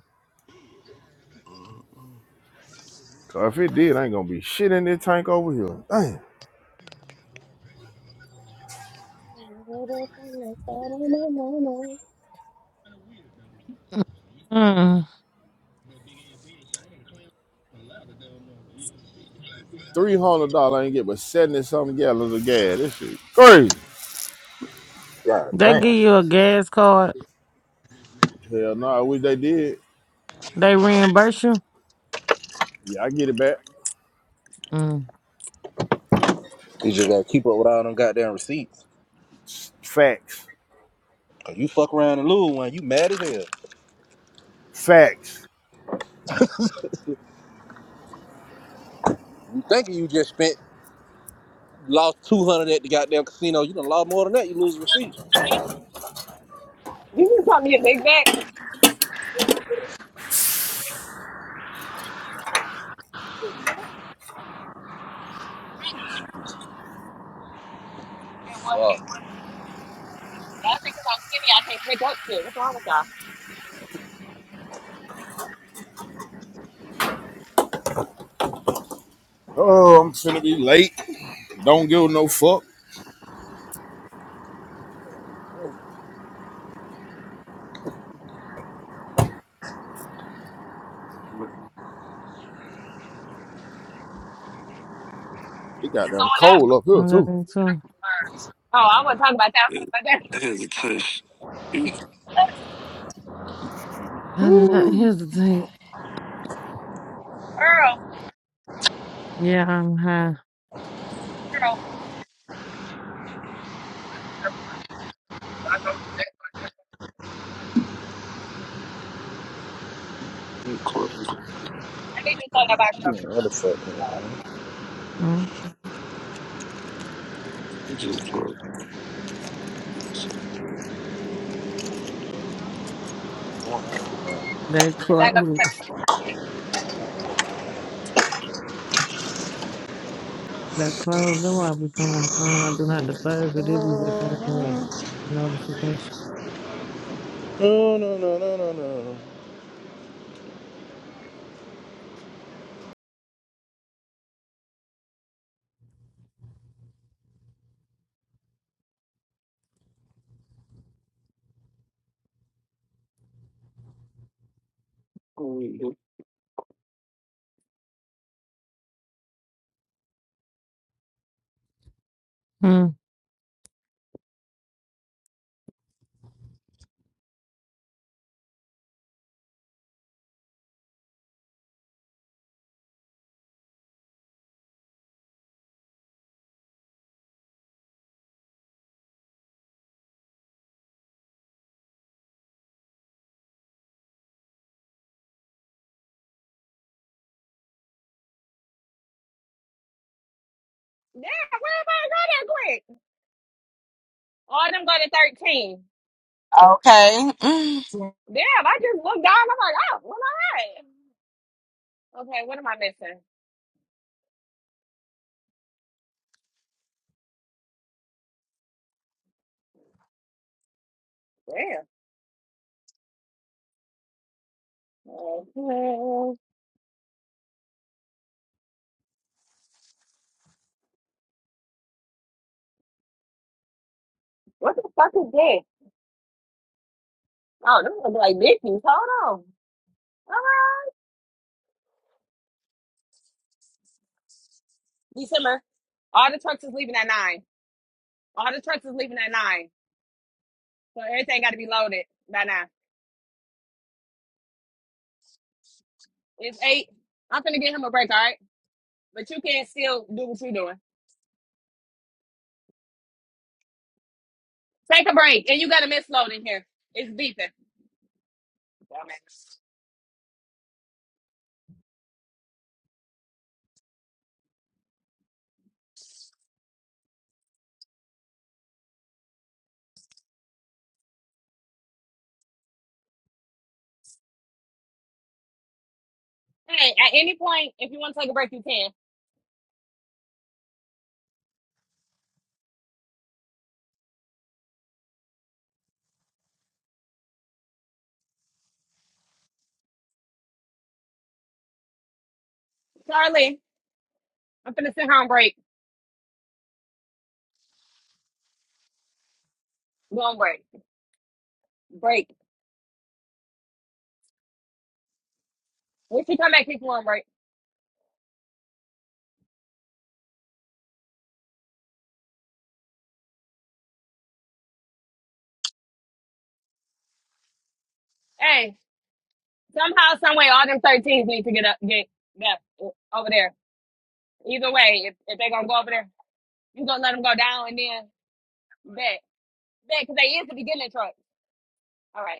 Speaker 9: Cause if it did, I ain't gonna be shit in this tank over here. Damn,
Speaker 5: You
Speaker 2: Mm.
Speaker 9: three hundred dollars I ain't get but seventy something gallons of gas. This shit crazy.
Speaker 10: God
Speaker 2: They give you
Speaker 10: damn.
Speaker 2: a gas card.
Speaker 9: Hell no, I wish they did.
Speaker 2: They reimburse you.
Speaker 9: Yeah, I get it back.
Speaker 2: Mm.
Speaker 10: You just gotta keep up with all them goddamn receipts.
Speaker 9: Facts,
Speaker 10: Cause you fuck around and lose one, you mad as hell.
Speaker 9: facts.
Speaker 10: You thinking you just spent lost two hundred at the goddamn casino. You done lost more than that. You lose a receipt.
Speaker 5: just call me a big back. (laughs) That wasn't-
Speaker 10: Fuck.
Speaker 5: I think 'cause I'm skinny, I can't pick up shit. What's wrong with y'all?
Speaker 9: Oh, I'm finna be late. Don't give no fuck. It got
Speaker 5: So
Speaker 9: damn
Speaker 5: on (laughs) that
Speaker 9: cold
Speaker 5: one.
Speaker 9: up here too.
Speaker 2: Nothing too.
Speaker 5: Oh, I wasn't talking about that (laughs) one, but that
Speaker 2: I did not
Speaker 9: Whew.
Speaker 2: hesitate.
Speaker 5: girl,
Speaker 2: Yeah, I'm high.
Speaker 5: girl. I need to talk about
Speaker 10: You
Speaker 5: sugar.
Speaker 10: motherfucker.
Speaker 2: Mm. They
Speaker 5: And back up to
Speaker 2: closed. They closed. They why me to put my phone. I do not disturb. it. they be waking me up. Notification.
Speaker 10: No no no no no no.
Speaker 5: Damn, where am I going that quick? All them go to 13.
Speaker 3: Okay.
Speaker 5: Damn, I just looked down. I'm like, oh, well, all right. Okay, what am I missing? Damn. Mhm. What the fuck is that? Oh, this look like Mickey's. Hold on. Alright. December. All the trucks is leaving at nine. All the trucks is leaving at nine. So everything got to be loaded by nine. It's eight. I'm finna get him a break, all right? But you can still do what you're doing. Take a break, and you got a misload in here. It's beeping. Dumbass. Hey, at any point, if you want to take a break, you can. Charlie, I'm finna sit here on break. Go on break. Break. When she come back, keep on break. Hey, somehow, some way, all them thirteens need to get up, get yeah, over there. Either way, if, if they're gonna go over there, you gonna let them go down and then back, bet because they is the beginning truck. All right.